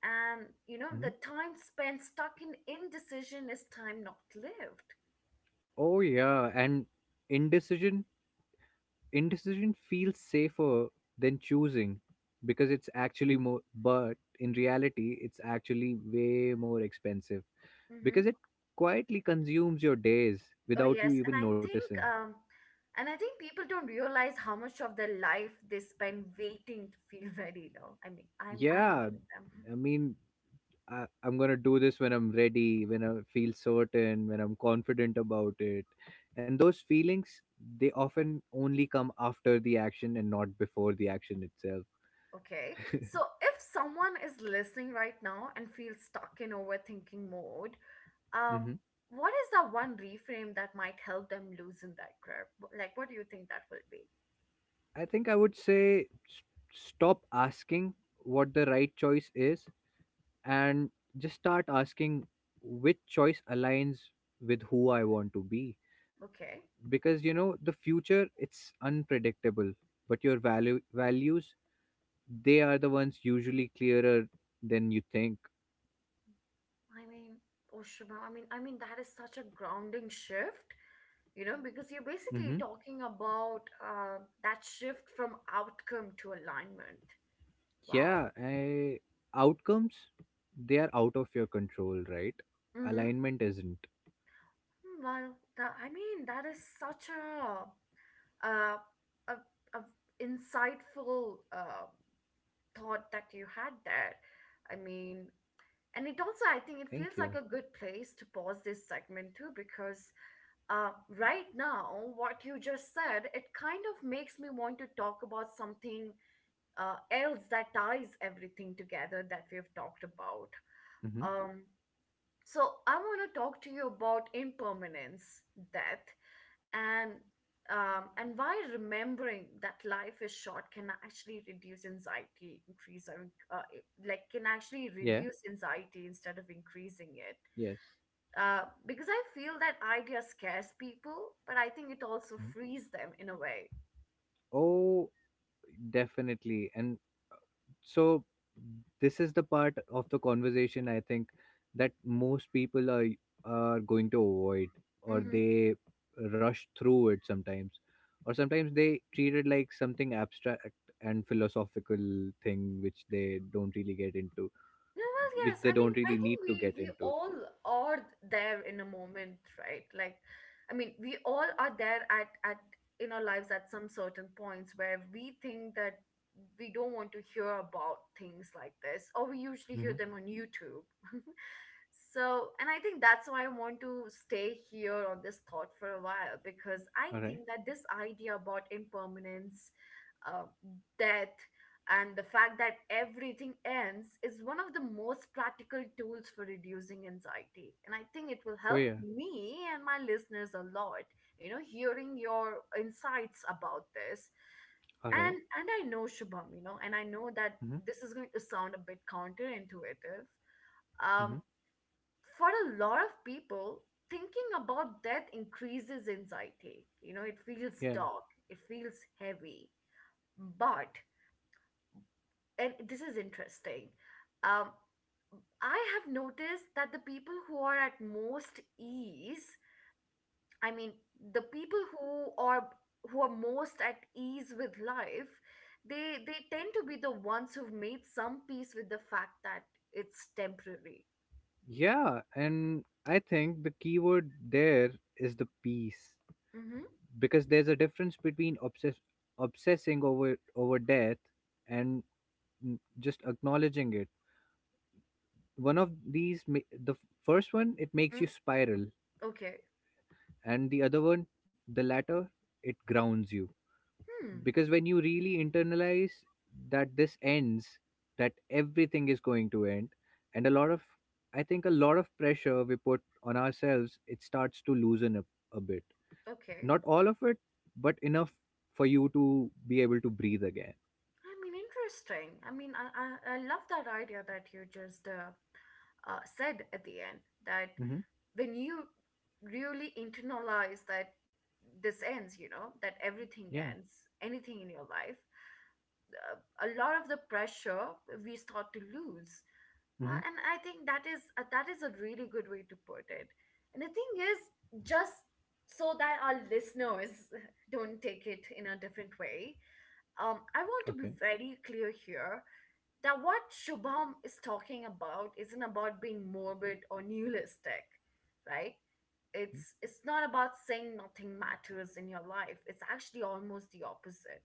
A: and you know the
B: hmm
A: time spent stuck in indecision is time not lived.
B: Oh yeah, and indecision indecision feels safer than choosing because it's actually more. But in reality, it's actually way more expensive
A: Mm-hmm.
B: because it quietly consumes your days
A: Oh
B: without you
A: yes, and
B: even
A: I think
B: noticing.
A: people don't realize how much of their life they spend waiting to feel <laughs> ready. Though I mean, I'm
B: Yeah,
A: one of them.
B: I mean, I'm gonna do this when I'm ready, when I feel certain, when I'm confident about it. And those feelings, they often only come after the action and not before the action itself.
A: Okay. So if someone is listening right now and feels stuck in overthinking mode, um,
B: Hmm
A: what is the one reframe that might help them loosen that grip? What do you think that will be?
B: I think I would say, stop asking what the right choice is and just start asking which choice aligns with who I want to be.
A: Okay.
B: Because, you know, the future, it's unpredictable, but your values, they are the ones usually clearer than you think.
A: I mean, oh Shubha, I mean that is such a grounding shift, you know, because you're
B: Hmm
A: basically talking about that shift from outcome to alignment. Wow.
B: Yeah, outcomes, they are out of your control, right?
A: Mm-hmm.
B: Alignment isn't.
A: Well, that, I mean, that is such a uh, a, a insightful thought that you had there. I mean, and it also, I think it
B: Thank
A: feels like
B: you.
A: a good place to pause this segment too, because right now, what you just said, it kind of makes me want to talk about something else that ties everything together that we've talked about.
B: Hmm
A: Um, so I want to talk to you about impermanence, death, and and why remembering that life is short can actually reduce anxiety increase or inc- it- like can actually
B: Yeah.
A: reduce anxiety instead of increasing it,
B: Yes.
A: because I feel that idea scares people but I think it also
B: Mhm.
A: frees them in a way.
B: Oh, definitely. And so, this is the part of the conversation, I think, that most people are going to avoid, or
A: Mm-hmm.
B: they rush through it sometimes, or sometimes they treat it like something abstract and philosophical thing which they don't really get into,
A: No, well,
B: which
A: yes.
B: they
A: I mean,
B: don't
A: I
B: really
A: think
B: need
A: we
B: to get
A: we
B: into.
A: all are there in a moment, right? Like, I mean, we all are there at in our lives at some certain points where we think that we don't want to hear about things like this, or we usually hear them
B: Mm-hmm.
A: on YouTube. <laughs> So, and I think that's why I want to stay here on this thought for a while because I
B: All right.
A: think that this idea about impermanence, uh, death, and the fact that everything ends is one of the most practical tools for reducing anxiety. And I think it will
B: Oh
A: help
B: yeah.
A: me and my listeners a lot, you know, hearing your insights about this.
B: All right.
A: And I know Shubham, you know, and I know that
B: Mm-hmm.
A: this is going to sound a bit counterintuitive.
B: Mm-hmm.
A: Um, for a lot of people, thinking about death increases anxiety. You know, it feels
B: Yeah,
A: dark, it feels heavy. But, and this is interesting, um, I have noticed that the people who are at most ease, I mean, the people who are most at ease with life, they tend to be the ones who've made some peace with the fact that it's temporary.
B: yeah, and I think the keyword there is the peace,
A: Mm-hmm.
B: because there's a difference between obsessing over death and just acknowledging it. One of these ma- the f- first one, it makes
A: Mm.
B: you spiral,
A: Okay.
B: and the other one, the latter, it grounds you,
A: Hmm.
B: because when you really internalize that this ends, that everything is going to end, and a lot of I think a lot of pressure we put on ourselves, it starts to loosen up a bit.
A: Okay.
B: Not all of it, but enough for you to be able to breathe again.
A: I mean, interesting. I mean, I love that idea that you just said at the end that
B: Mm-hmm.
A: when you really internalize that this ends, you know, that everything
B: Yeah.
A: ends, anything in your life, a lot of the pressure we start to lose. And
B: Mm-hmm.
A: I think that is a really good way to put it. And the thing is, just so that our listeners <laughs> don't take it in a different way, I want to be
B: Okay.
A: very clear here. Now, what Shubham is talking about isn't about being morbid or nihilistic, right? It's not about saying nothing matters in your life. It's actually almost the opposite.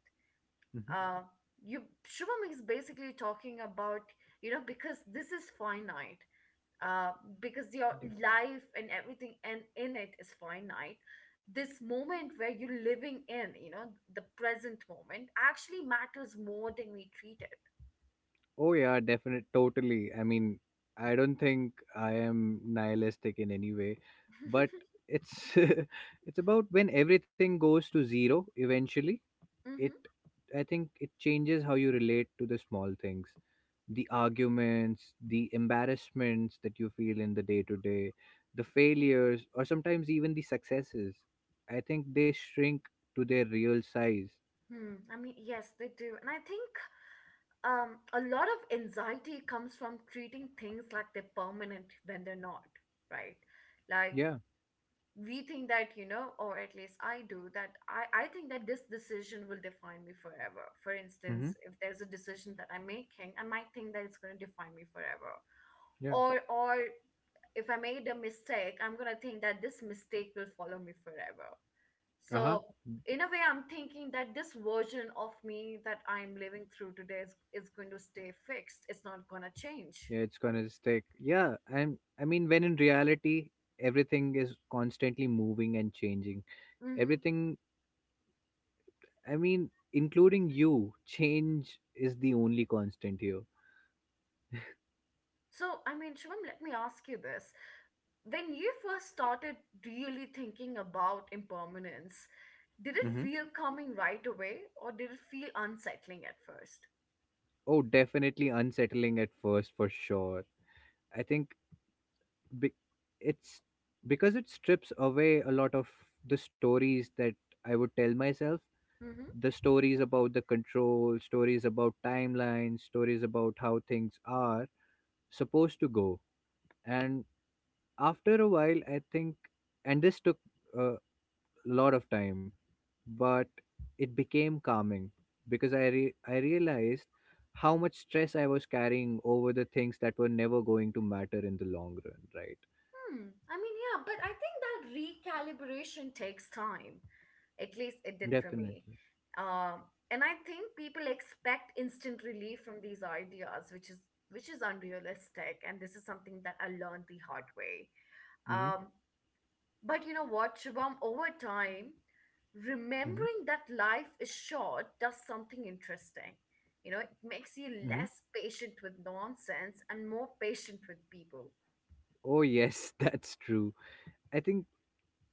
B: Mm-hmm.
A: Uh, you Shubham is basically talking about, you know, because this is finite. Uh, because your
B: Yeah.
A: life and everything and in it is finite. This moment where you're living in, you know, the present moment actually matters more than we treat it.
B: Oh yeah, definitely, totally. I mean, I don't think I am nihilistic in any way, but it's <laughs> it's about when everything goes to zero eventually. It
A: <laughs>
B: I think it changes how you relate to the small things, the arguments, the embarrassments that you feel in the day to day, the failures, or sometimes even the successes. I think they shrink to their real size.
A: Hmm. I mean, yes, they do. And I think a lot of anxiety comes from treating things like they're permanent when they're not, right? Like
B: Yeah.
A: we think that, you know, or at least I do, that I think that this decision will define me forever. For instance,
B: Mm-hmm.
A: if there's a decision that I'm making, I might think that it's going to define me forever.
B: Yeah.
A: Or if I made a mistake, I'm going to think that this mistake will follow me forever.
B: Uh huh.
A: So, in a way, I'm thinking that this version of me that I'm living through today is going to stay fixed. It's not going to change.
B: Yeah, it's gonna stick. Yeah, and I mean, when in reality, everything is constantly moving and changing.
A: Hmm.
B: Everything, I mean, including you, change is the only constant here.
A: So, I mean, Shivam, let me ask you this. When you first started really thinking about impermanence, did it
B: Mm-hmm.
A: feel coming right away or did it feel unsettling at 1st?
B: Oh, definitely unsettling at first for sure. I think be- it's because it strips away a lot of the stories that I would tell myself. The stories about the control, stories about timelines, stories about how things are supposed to go. And after a while, I think, and this took a lot of time, but it became calming because I realized how much stress I was carrying over the things that were never going to matter in the long run, right?
A: Hmm. I mean, yeah, but I think that recalibration takes time. At least it did for me.
B: Definitely.
A: Um, and I think people expect instant relief from these ideas, which is unrealistic. And this is something that I learned the hard way.
B: Mm-hmm.
A: Um, but you know what, Shubham, over time,
B: Hmm.
A: remembering that life is short does something interesting. You know, it makes you
B: Hmm.
A: less patient with nonsense and more patient with people.
B: Oh yes, <laughs> that's true. I think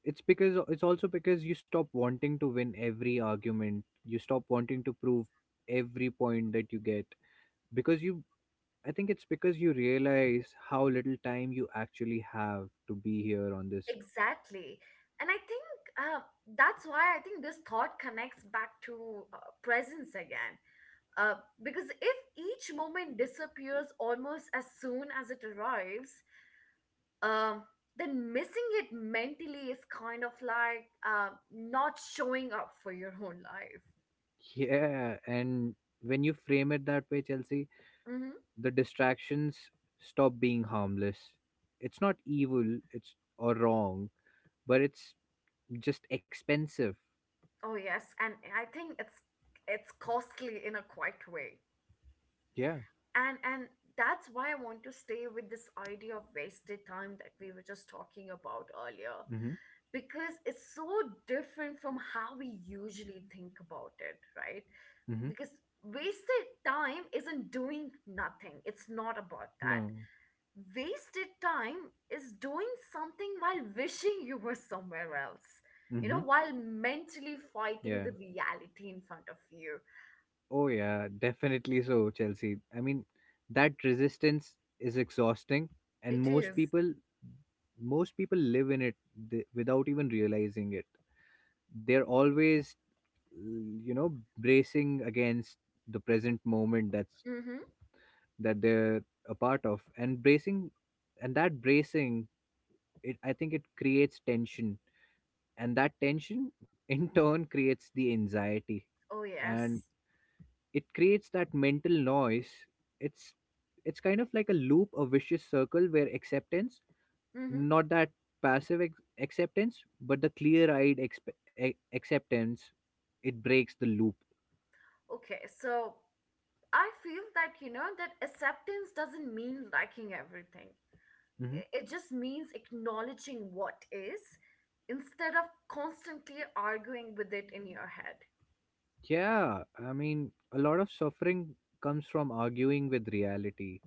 B: it's also because you stop wanting to win every argument. You stop wanting to prove every point that you get because you. I think it's because you realize how little time you actually have to be here on this.
A: Exactly. And I think uh, that's why I think this thought connects back to presence again. Uh, because if each moment disappears almost as soon as it arrives, um, then missing it mentally is kind of like not showing up for your own life.
B: Yeah, and when you frame it that way, Chelsea,
A: Hmm.
B: the distractions stop being harmless. It's not evil. It's or wrong, but it's just expensive.
A: Oh yes, and I think it's costly in a quiet way.
B: Yeah.
A: And that's why I want to stay with this idea of wasted time that we were just talking about earlier
B: Mm-hmm.
A: because it's so different from how we usually think about it, right? Because wasted time isn't doing nothing, it's not about that.
B: No.
A: Wasted time is doing something while wishing you were somewhere else, you know,
B: Mm-hmm.
A: while mentally
B: Yeah.
A: fighting the reality in front of you.
B: Oh, yeah. Definitely so, Chelsea. I mean, that resistance is exhausting, and
A: It
B: most
A: is.
B: people, most people live in it without even realizing it. They're always, bracing against the present moment that's
A: Mm-hmm.
B: that they're a part of, and bracing, and that bracing, it I think it creates tension, and that tension <laughs> in turn creates the anxiety,
A: Oh
B: and
A: yes.
B: it creates that mental noise. it's it's kind of like a loop, a vicious circle, where acceptance,
A: Mm-hmm.
B: not that acceptance, but the clear eyed acceptance, it breaks the loop.
A: Okay, so I feel that, you know, that acceptance doesn't mean liking everything.
B: Hmm.
A: It just means acknowledging what is instead of constantly arguing with it in your head.
B: Yeah, I mean, a lot of suffering comes from arguing with reality,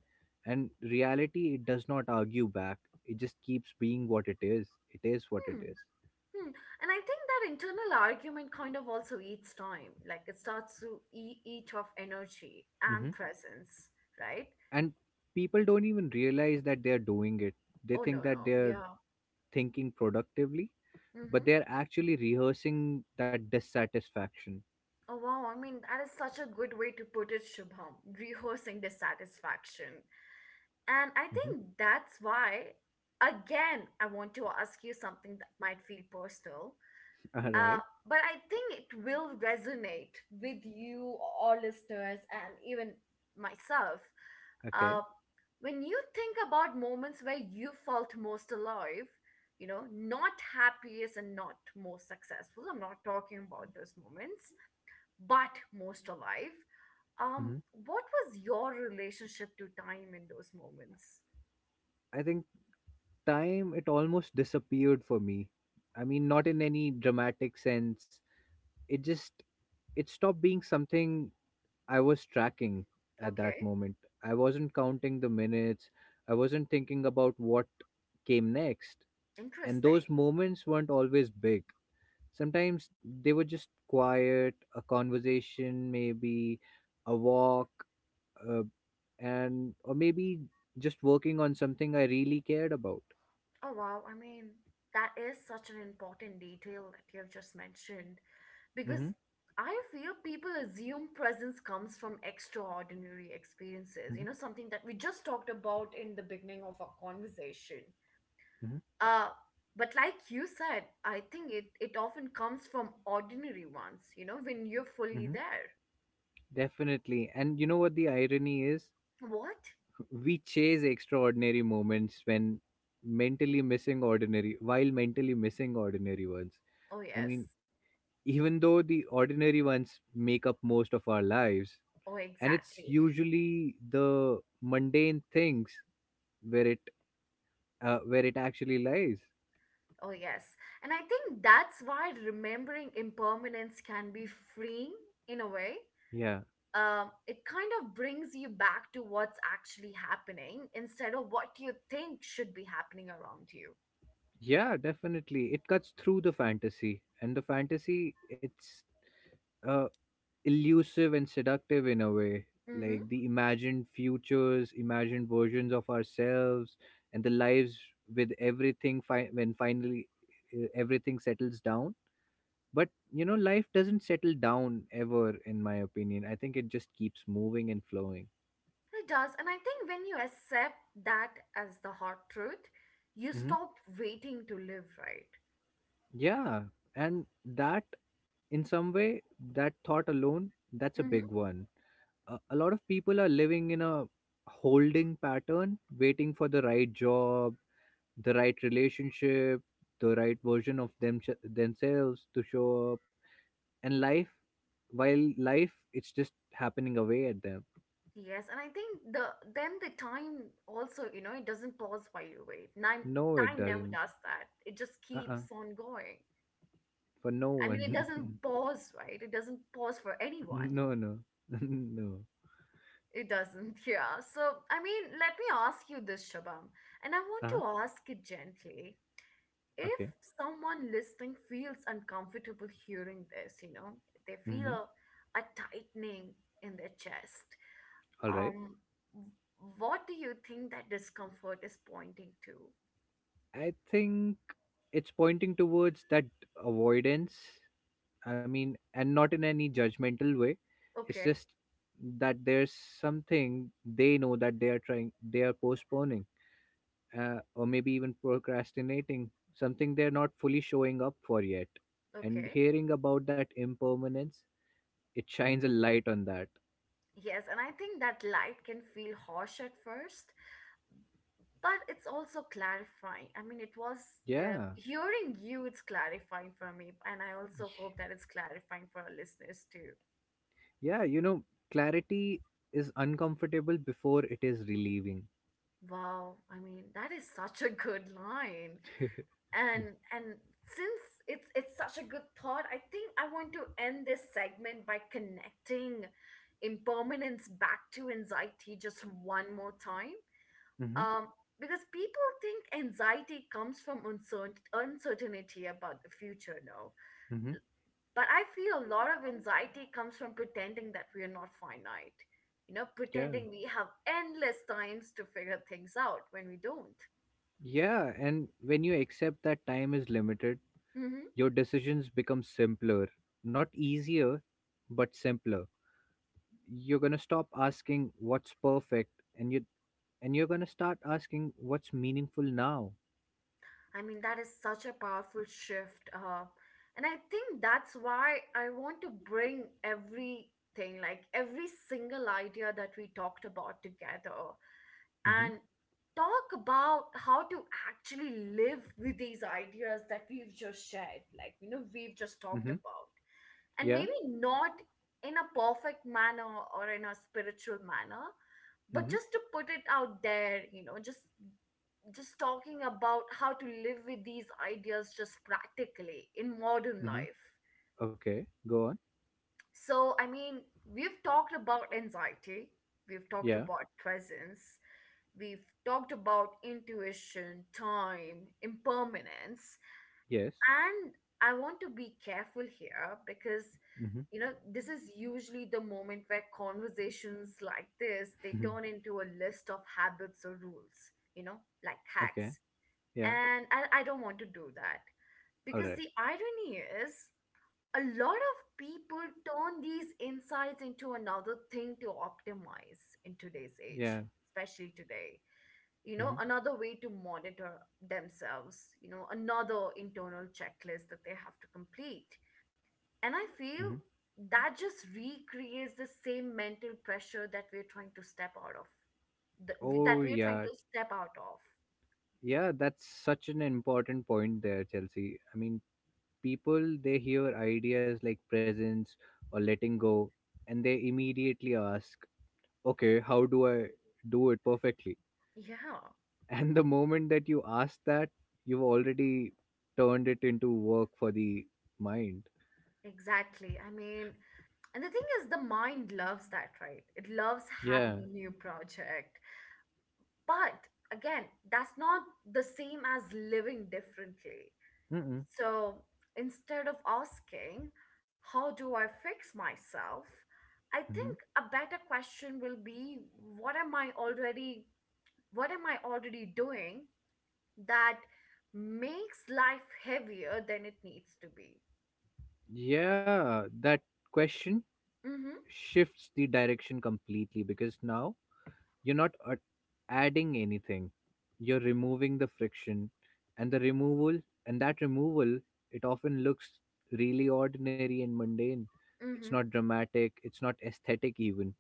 B: and reality, it does not argue back. It just keeps being what it is. It is what it
A: Hmm.
B: is.
A: Hmm. And I think that internal argument kind of also eats time. Like it starts to eat off energy and
B: Mhm.
A: presence, right?
B: And people don't even realize that they are doing it. They
A: Oh, no,
B: think that
A: no.
B: they're
A: Yeah.
B: thinking productively,
A: Mm-hmm.
B: but they are actually rehearsing that dissatisfaction.
A: Oh, wow. I mean, that is such a good way to put it, Shubham. Rehearsing dissatisfaction. And I
B: Hmm.
A: think that's why, again, I want to ask you something that might feel personal,
B: <laughs> All
A: uh,
B: right.
A: but I think it will resonate with you, all listeners, and even myself.
B: Okay.
A: Uh, when you think about moments where you felt most alive, you know, not happiest and not most successful, I'm not talking about those moments, but most alive. Um,
B: Hmm.
A: what was your relationship to time in those moments?
B: I think time, it almost disappeared for me. I mean, not in any dramatic sense. It just it stopped being something I was tracking at that
A: Okay.
B: moment. I wasn't counting the minutes. I wasn't thinking about what came next. And
A: Interesting.
B: those moments weren't always big. Sometimes they were just quiet, a conversation, maybe a walk, uh, and or maybe just working on something I really cared about.
A: Oh, wow. I mean, that is such an important detail that you have just mentioned
B: Hmm.
A: because I feel people assume presence comes from extraordinary experiences, you know,
B: Hmm.
A: something that we just talked about in the beginning of our conversation.
B: Hmm.
A: Uh, but like you said, I think it often comes from ordinary ones, you know, when you're
B: Hmm.
A: fully there.
B: Definitely. And you know what the irony is?
A: What?
B: We chase extraordinary moments when mentally missing ordinary, while mentally missing ordinary ones.
A: Oh,
B: I
A: yes.
B: mean, even though the ordinary ones make up most of our lives,
A: Oh,
B: and it's
A: exactly.
B: usually the mundane things where it where it actually lies.
A: Oh, yes. And I think that's why remembering impermanence can be freeing in a way.
B: Yeah.
A: It kind of brings you back to what's actually happening instead of what you think should be happening around you.
B: Yeah, definitely. It cuts through the fantasy, and the fantasy, it's uh, elusive and seductive in a way,
A: Mm-hmm.
B: like the imagined futures, imagined versions of ourselves and the lives with everything when finally everything settles down. But you know, life doesn't settle down ever, in my opinion. I think it just keeps moving and flowing.
A: It does. And I think when you accept that as the hard truth, you stop waiting to live right.
B: Yeah, and that, in some way, that thought alone, that's a
A: Mm-hmm.
B: big one. A lot of people are living in a holding pattern, waiting for the right job, the right relationship, the right version of themselves to show up. And life, it's just happening away at them.
A: Yes, and I think then the time also, you know, it doesn't pause while you wait. Time
B: No, it
A: time never
B: doesn't.
A: does that. It just keeps
B: Uh-uh.
A: on going.
B: For no
A: I mean, it
B: one.
A: doesn't pause, right? It doesn't pause for
B: <laughs>
A: anyone.
B: No, no, <laughs> no.
A: It doesn't, <laughs> yeah. So, I mean, let me ask you this, Shabam, and I want
B: Uh-huh.
A: to ask it gently. If
B: Okay.
A: someone listening feels uncomfortable hearing this, you know, they
B: Mm-hmm.
A: feel a tightening in their chest,
B: All right.
A: um, w- what do you think that discomfort is pointing to?
B: I think it's pointing towards that avoidance. I mean, and not in any judgmental way, it's
A: Okay,
B: just that there's something they know, that they are postponing, or maybe even procrastinating, something they're not fully showing up for yet. And
A: okay.
B: hearing about that impermanence, it shines a light on that.
A: Yes, and I think that light can feel harsh at first but it's also clarifying. I mean, it was
B: Yeah.
A: hearing you, it's clarifying for me, and I also hope that it's clarifying for our listeners too.
B: Yeah, you know, clarity is uncomfortable before it is relieving.
A: Wow, I mean that is such a good line. And since it's such a good thought, I think I want to end this segment by connecting impermanence back to anxiety just one more time.
B: Mm-hmm.
A: um because people think anxiety comes from uncertainty about the future. No,
B: Mm-hmm.
A: but I feel a lot of anxiety comes from pretending that we are not finite. You know,
B: Yeah.
A: pretending we have endless times to figure things out when we don't.
B: Yeah, and when you accept that time is limited,
A: Hmm.
B: your decisions become simpler. Not easier, but simpler. You're going to stop asking what's perfect, and you're going to start asking what's meaningful now.
A: I mean, that is such a powerful shift. And I think that's why I want to bring everything, like every single idea that we talked about together,
B: Mhm.
A: and talk about how to actually live with these ideas that we've just shared, like, you know, we've just talked
B: Mhm.
A: about. And
B: Yeah.
A: maybe not in a perfect manner or in a spiritual manner, but
B: Mhm.
A: just to put it out there, you know, just talking about how to live with these ideas just practically in modern
B: Mhm.
A: life.
B: Okay, go on.
A: So I mean, we've talked about anxiety, we've talked
B: Yeah.
A: about presence, we've talked about intuition, time, impermanence.
B: Yes.
A: And I want to be careful here because,
B: Mhm.
A: you know, this is usually the moment where conversations like this, they turn
B: <laughs>
A: into a list of habits or rules, you know, like
B: Okay.
A: hacks.
B: Yeah.
A: And I don't want to do that
B: All
A: because
B: right.
A: the irony is a lot of people turn these insights into another thing to optimize in today's age,
B: Yeah.
A: especially today. You know,
B: Mhm.
A: another way to monitor themselves, you know, another internal checklist that they have to complete. And I
B: Mhm.
A: feel that just recreates the same mental pressure that we're trying to step out of, that
B: Oh
A: we're trying
B: yeah.
A: to step out of.
B: Yeah, that's such an important point there, Chelsea. I mean, people, they hear ideas like presence or letting go, and they immediately ask, okay, how do I do it perfectly?
A: Yeah,
B: <laughs> And the moment that you ask that, you've already turned it into work for the mind.
A: exactly. I mean, and the thing is, the mind loves that, right? It loves
B: Yeah.
A: having a new project. But again, that's not the same as living differently.
B: Mm-mm.
A: So instead of asking, how do I fix myself? I
B: Hmm.
A: think a better question will be, what am I already, what am I already doing that makes life heavier than it needs to be?
B: Yeah, that question
A: Mhm.
B: shifts the direction completely, because now you're not adding anything. You're removing the friction, and the removal and that removal, it often looks really ordinary and mundane. It's
A: Mhm.
B: not dramatic, it's not aesthetic even.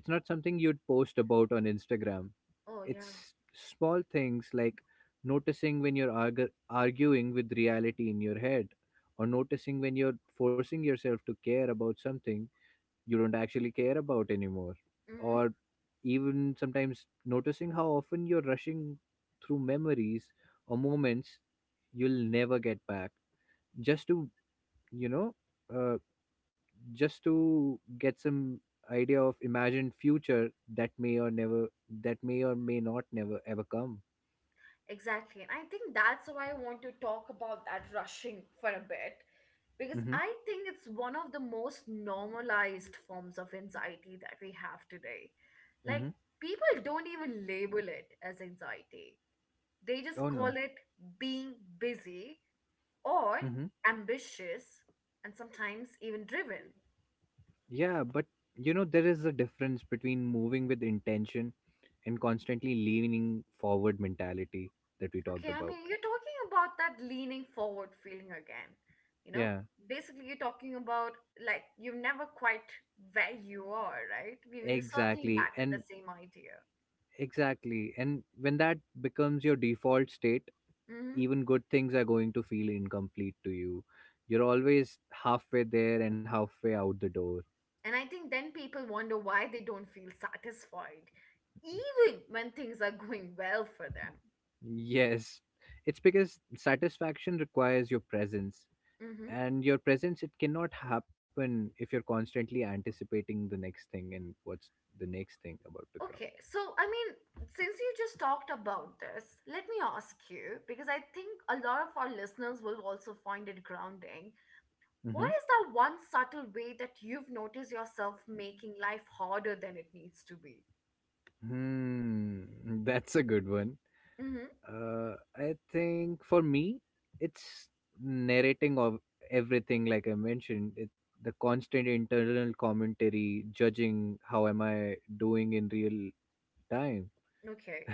B: It's not something you'd post about on Instagram.
A: Oh yeah.
B: It's small things like noticing when you're arguing with reality in your head, or noticing when you're forcing yourself to care about something you don't actually care about anymore,
A: Mhm.
B: or even sometimes noticing how often you're rushing through memories or moments you'll never get back, just to you know uh, just to get some idea of imagined future that may or never that may or may not never ever come.
A: Exactly. And I think that's why I want to talk about that rushing for a bit. Because
B: Hmm.
A: I think it's one of the most normalized forms of anxiety that we have today. Like,
B: Hmm.
A: people don't even label it as anxiety, they just
B: Oh
A: call
B: no.
A: it being busy or
B: Hmm.
A: ambitious and sometimes even driven.
B: Yeah, but you know, there is a difference between moving with intention and constantly leaning forward mentality that we talked
A: Okay, I
B: about.
A: mean, you're talking about that leaning forward feeling again. You know,
B: Yeah,
A: basically, you're talking about like you're never quite where you are, right? We're circling
B: exactly.
A: back to
B: And
A: the same idea.
B: exactly. And when that becomes your default state,
A: Mm-hmm.
B: even good things are going to feel incomplete to you. You're always halfway there and halfway out the door.
A: And I think then people wonder why they don't feel satisfied, even when things are going well for them.
B: Yes, it's because satisfaction requires your presence.
A: Hmm.
B: And your presence, it cannot happen if you're constantly anticipating the next thing and what's the next thing about to
A: Okay, so I mean, since you just talked about this, let me ask you because I think a lot of our listeners will also find it grounding. What
B: come.
A: is that one subtle way that you've noticed yourself making life harder than it needs to be?
B: Hmm, <laughs> that's a good one.
A: Mm-hmm.
B: I think for me, it's narrating of everything, like I mentioned, the constant internal commentary, judging how am I doing in real time.
A: Okay.
B: <laughs>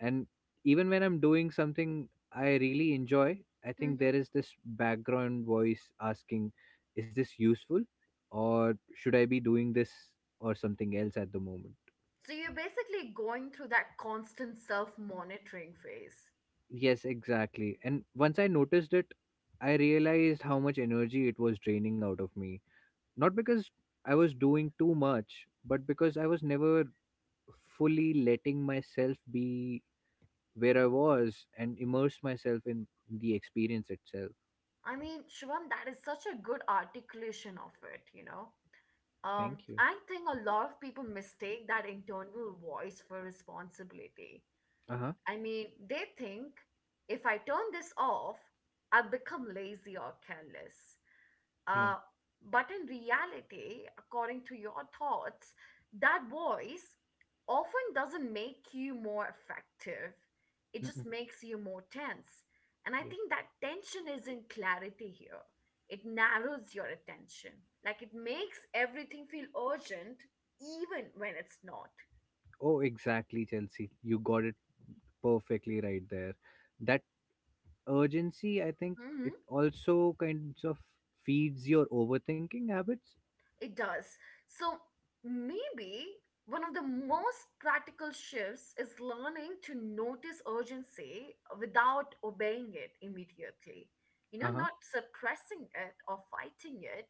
B: And even when I'm doing something I really enjoy, I think
A: Mm-hmm.
B: there is this background voice asking, is this useful? Or should I be doing this or something else at the moment?
A: So you're basically going through that constant self monitoring phase.
B: Yes, exactly. And once I noticed it, I realized how much energy it was draining out of me. Not because I was doing too much, but because I was never fully letting myself be where I was and immerse myself in the experience itself.
A: I mean, Shivam, that is such a good articulation of it, you know.
B: Thank you.
A: I think a lot of people mistake that internal voice for responsibility.
B: Uh huh.
A: I mean, they think if I turn this off, I'll become lazy or careless.
B: Yeah.
A: Uh, but in reality, according to your thoughts, that voice often doesn't make you more effective. It just
B: Mm-mm.
A: makes you more tense. And I
B: Yep.
A: think that tension isn't clarity here. It narrows your attention. Like it makes everything feel urgent, even when it's not.
B: Oh, exactly, Chelsea. You got it perfectly right there. That urgency, I think, it also kinds of feeds your overthinking habits.
A: It does. So maybe one of the most practical shifts is learning to notice urgency without obeying it immediately. You
B: Uh
A: know,
B: huh.
A: not suppressing it or fighting it,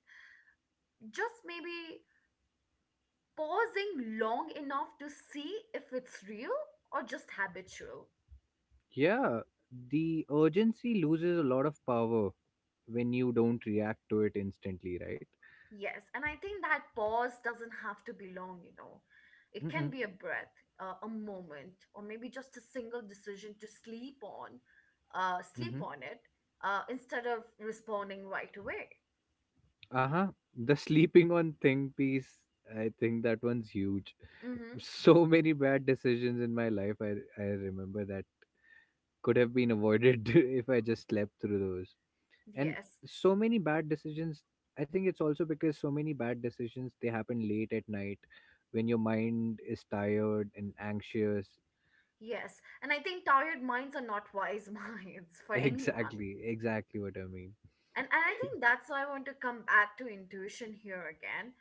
A: just maybe pausing long enough to see if it's real or just habitual.
B: Yeah, the urgency loses a lot of power when you don't react to it instantly, right?
A: Yes, and I think that pause doesn't have to be long, you know. It can
B: Mm-mm.
A: be a breath, a moment, or maybe just a single decision to sleep on, sleep
B: Mm-hmm.
A: on it, instead of responding right away.
B: Uh-huh. The sleeping on thing piece, I think that one's huge. <laughs>
A: Mm-hmm.
B: So many bad decisions in my life, I remember that could have been avoided <laughs> if I just slept through those. And
A: Yes,
B: so many bad decisions, I think it's also because so many bad decisions, they happen late at night when your mind is tired and anxious.
A: yes. And I think tired minds are not wise <laughs> minds for anyone.
B: Exactly, exactly what I mean.
A: And I think that's why I want to come back to intuition here again,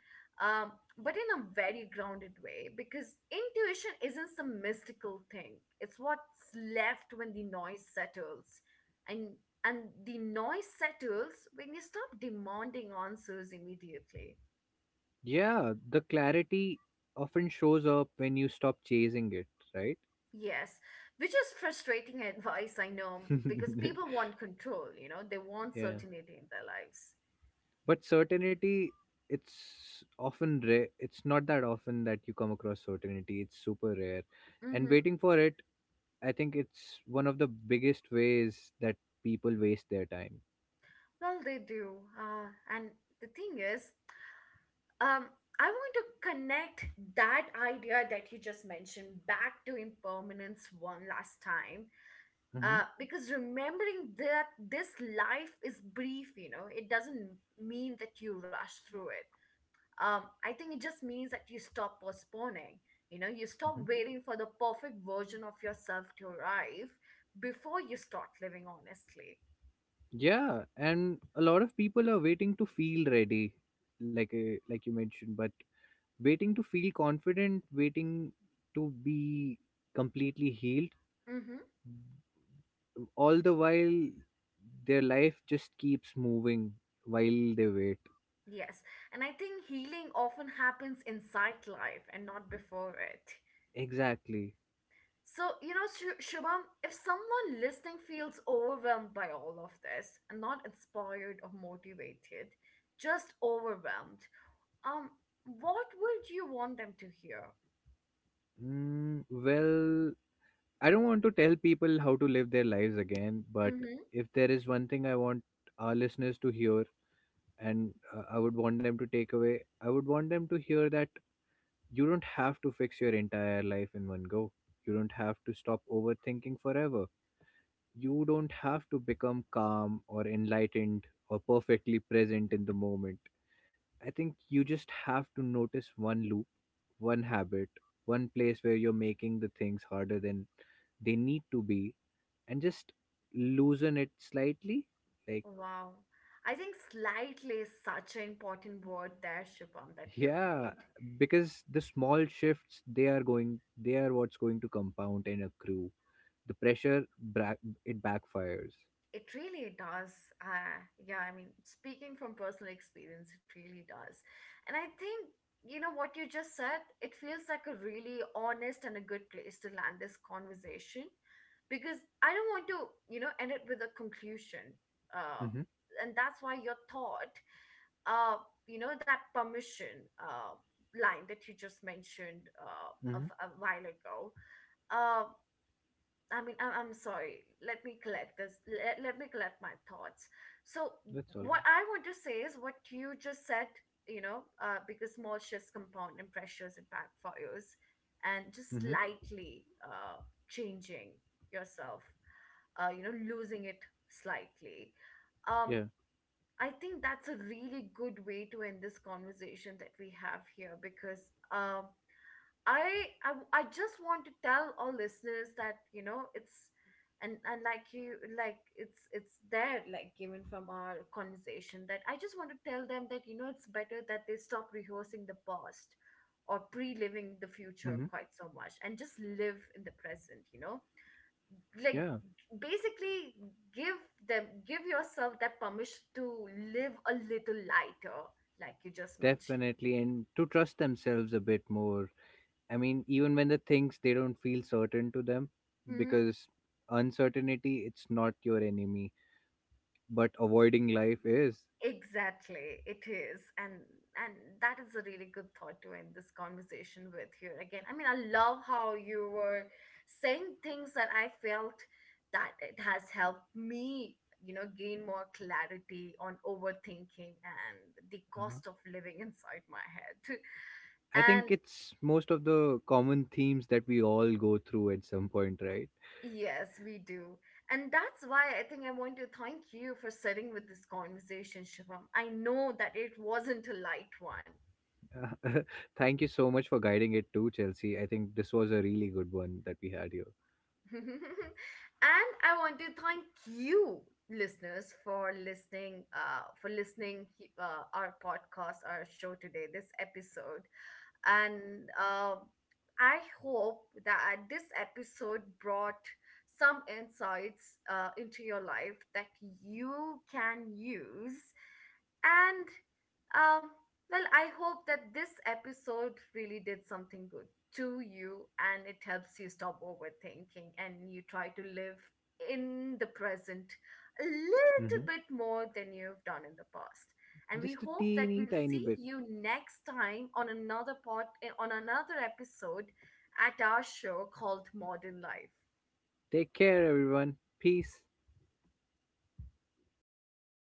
A: um, but in a very grounded way because intuition isn't some mystical thing. It's what's left when the noise settles, and and the noise settles when you stop demanding answers immediately.
B: Yeah, the clarity often shows up when you stop chasing it, right?
A: Yes, which is frustrating <laughs> advice I know because people want control. You know, they
B: <laughs>
A: want
B: Yeah.
A: certainty in their lives.
B: But certainty, it's often rare. It's not that often that you come across certainty. It's super rare. And
A: Mm-hmm.
B: waiting for it, I think it's one of the biggest ways that people waste their time.
A: Well, they do. And the thing is, um I want to connect that idea that you just mentioned back to impermanence one last time.
B: Hmm.
A: Because remembering that this life is brief, you know, it doesn't mean that you rush through it. I think it just means that you stop postponing. You know, you stop
B: Hmm.
A: waiting for the perfect version of yourself to arrive before you start living honestly.
B: Yeah, and a lot of people are waiting to feel ready, like you mentioned, but waiting to feel confident, waiting to be completely healed.
A: Mm-hmm.
B: All the while, their life just keeps moving while they wait.
A: Yes, and I think healing often happens inside life and not before it.
B: Exactly.
A: So, you know, Shubham, if someone listening feels overwhelmed by all of this and not inspired or motivated, just overwhelmed, um, what would you want them to hear?
B: Mm, well, I don't want to tell people how to live their lives again, but
A: Mm-hmm.
B: if there is one thing I want our listeners to hear, and I would want them to take away, I would want them to hear that you don't have to fix your entire life in one go. You don't have to stop overthinking forever. You don't have to become calm or enlightened or perfectly present in the moment. I think you just have to notice one loop, one habit, one place where you're making the things harder than they need to be, and just loosen it slightly. Like,
A: Wow. I think slightly is such an important word there, Shubham, that you've
B: yeah,
A: made.
B: because the small shifts, they are what's going to compound and accrue. The pressure, it backfires.
A: It really does. Yeah, I mean, speaking from personal experience, it really does. And I think, you know, what you just said, it feels like a really honest and a good place to land this conversation because I don't want to, you know, end it with a conclusion. Uh,
B: Mm-hmm.
A: and that's why your thought, uh, you know, that permission line that you just mentioned
B: Mm-hmm.
A: a while ago. Uh, I mean, I'm sorry. Let me collect this. Let me collect my thoughts. So,
B: That's all
A: what
B: right.
A: I want to say is what you just said, you know, because small shifts compound and pressures and backfires, and just
B: Mm-hmm.
A: slightly changing yourself, you know, losing it slightly. Um,
B: Yeah.
A: I think that's a really good way to end this conversation that we have here because. Um, I just want to tell all listeners that you know it's and like you like it's there, like given from our conversation, that I just want to tell them that you know it's better that they stop rehearsing the past or pre-living the future
B: Mm-hmm.
A: quite so much and just live in the present, you know, like
B: Yeah.
A: basically give give yourself that permission to live a little lighter like you just mentioned.
B: Definitely, and to trust themselves a bit more. I mean, even when the things they don't feel certain to them,
A: Mm-hmm.
B: because uncertainty, it's not your enemy, but avoiding life is.
A: Exactly, it is, and that is a really good thought to end this conversation with here again. I mean, I love how you were saying things that I felt that it has helped me, you know, gain more clarity on overthinking and the
B: Uh-huh.
A: cost of living <laughs> inside my head. <laughs>
B: I
A: And
B: think it's most of the common themes that we all go through at some point, right?
A: yes, we do. And that's why I think I want to thank you for sitting with this conversation, Shivam. I know that it wasn't a light one.
B: <laughs> Thank you so much for guiding it too, Chelsea. I think this was a really good one that we had here.
A: <laughs> And I want to thank you, listeners, for listening. For listening our podcast, our show today, this episode, and I hope that this episode brought some insights into your life that you can use. And um, well, I hope that this episode really did something good to you and it helps you stop overthinking and you try to live in the present a little
B: Hmm.
A: bit more than you've done in the past. And we
B: Just a
A: hope that
B: teeny
A: we'll
B: tiny
A: see
B: bit.
A: you next time on another on another episode at our show called Modern Life.
B: Take care, everyone. Peace.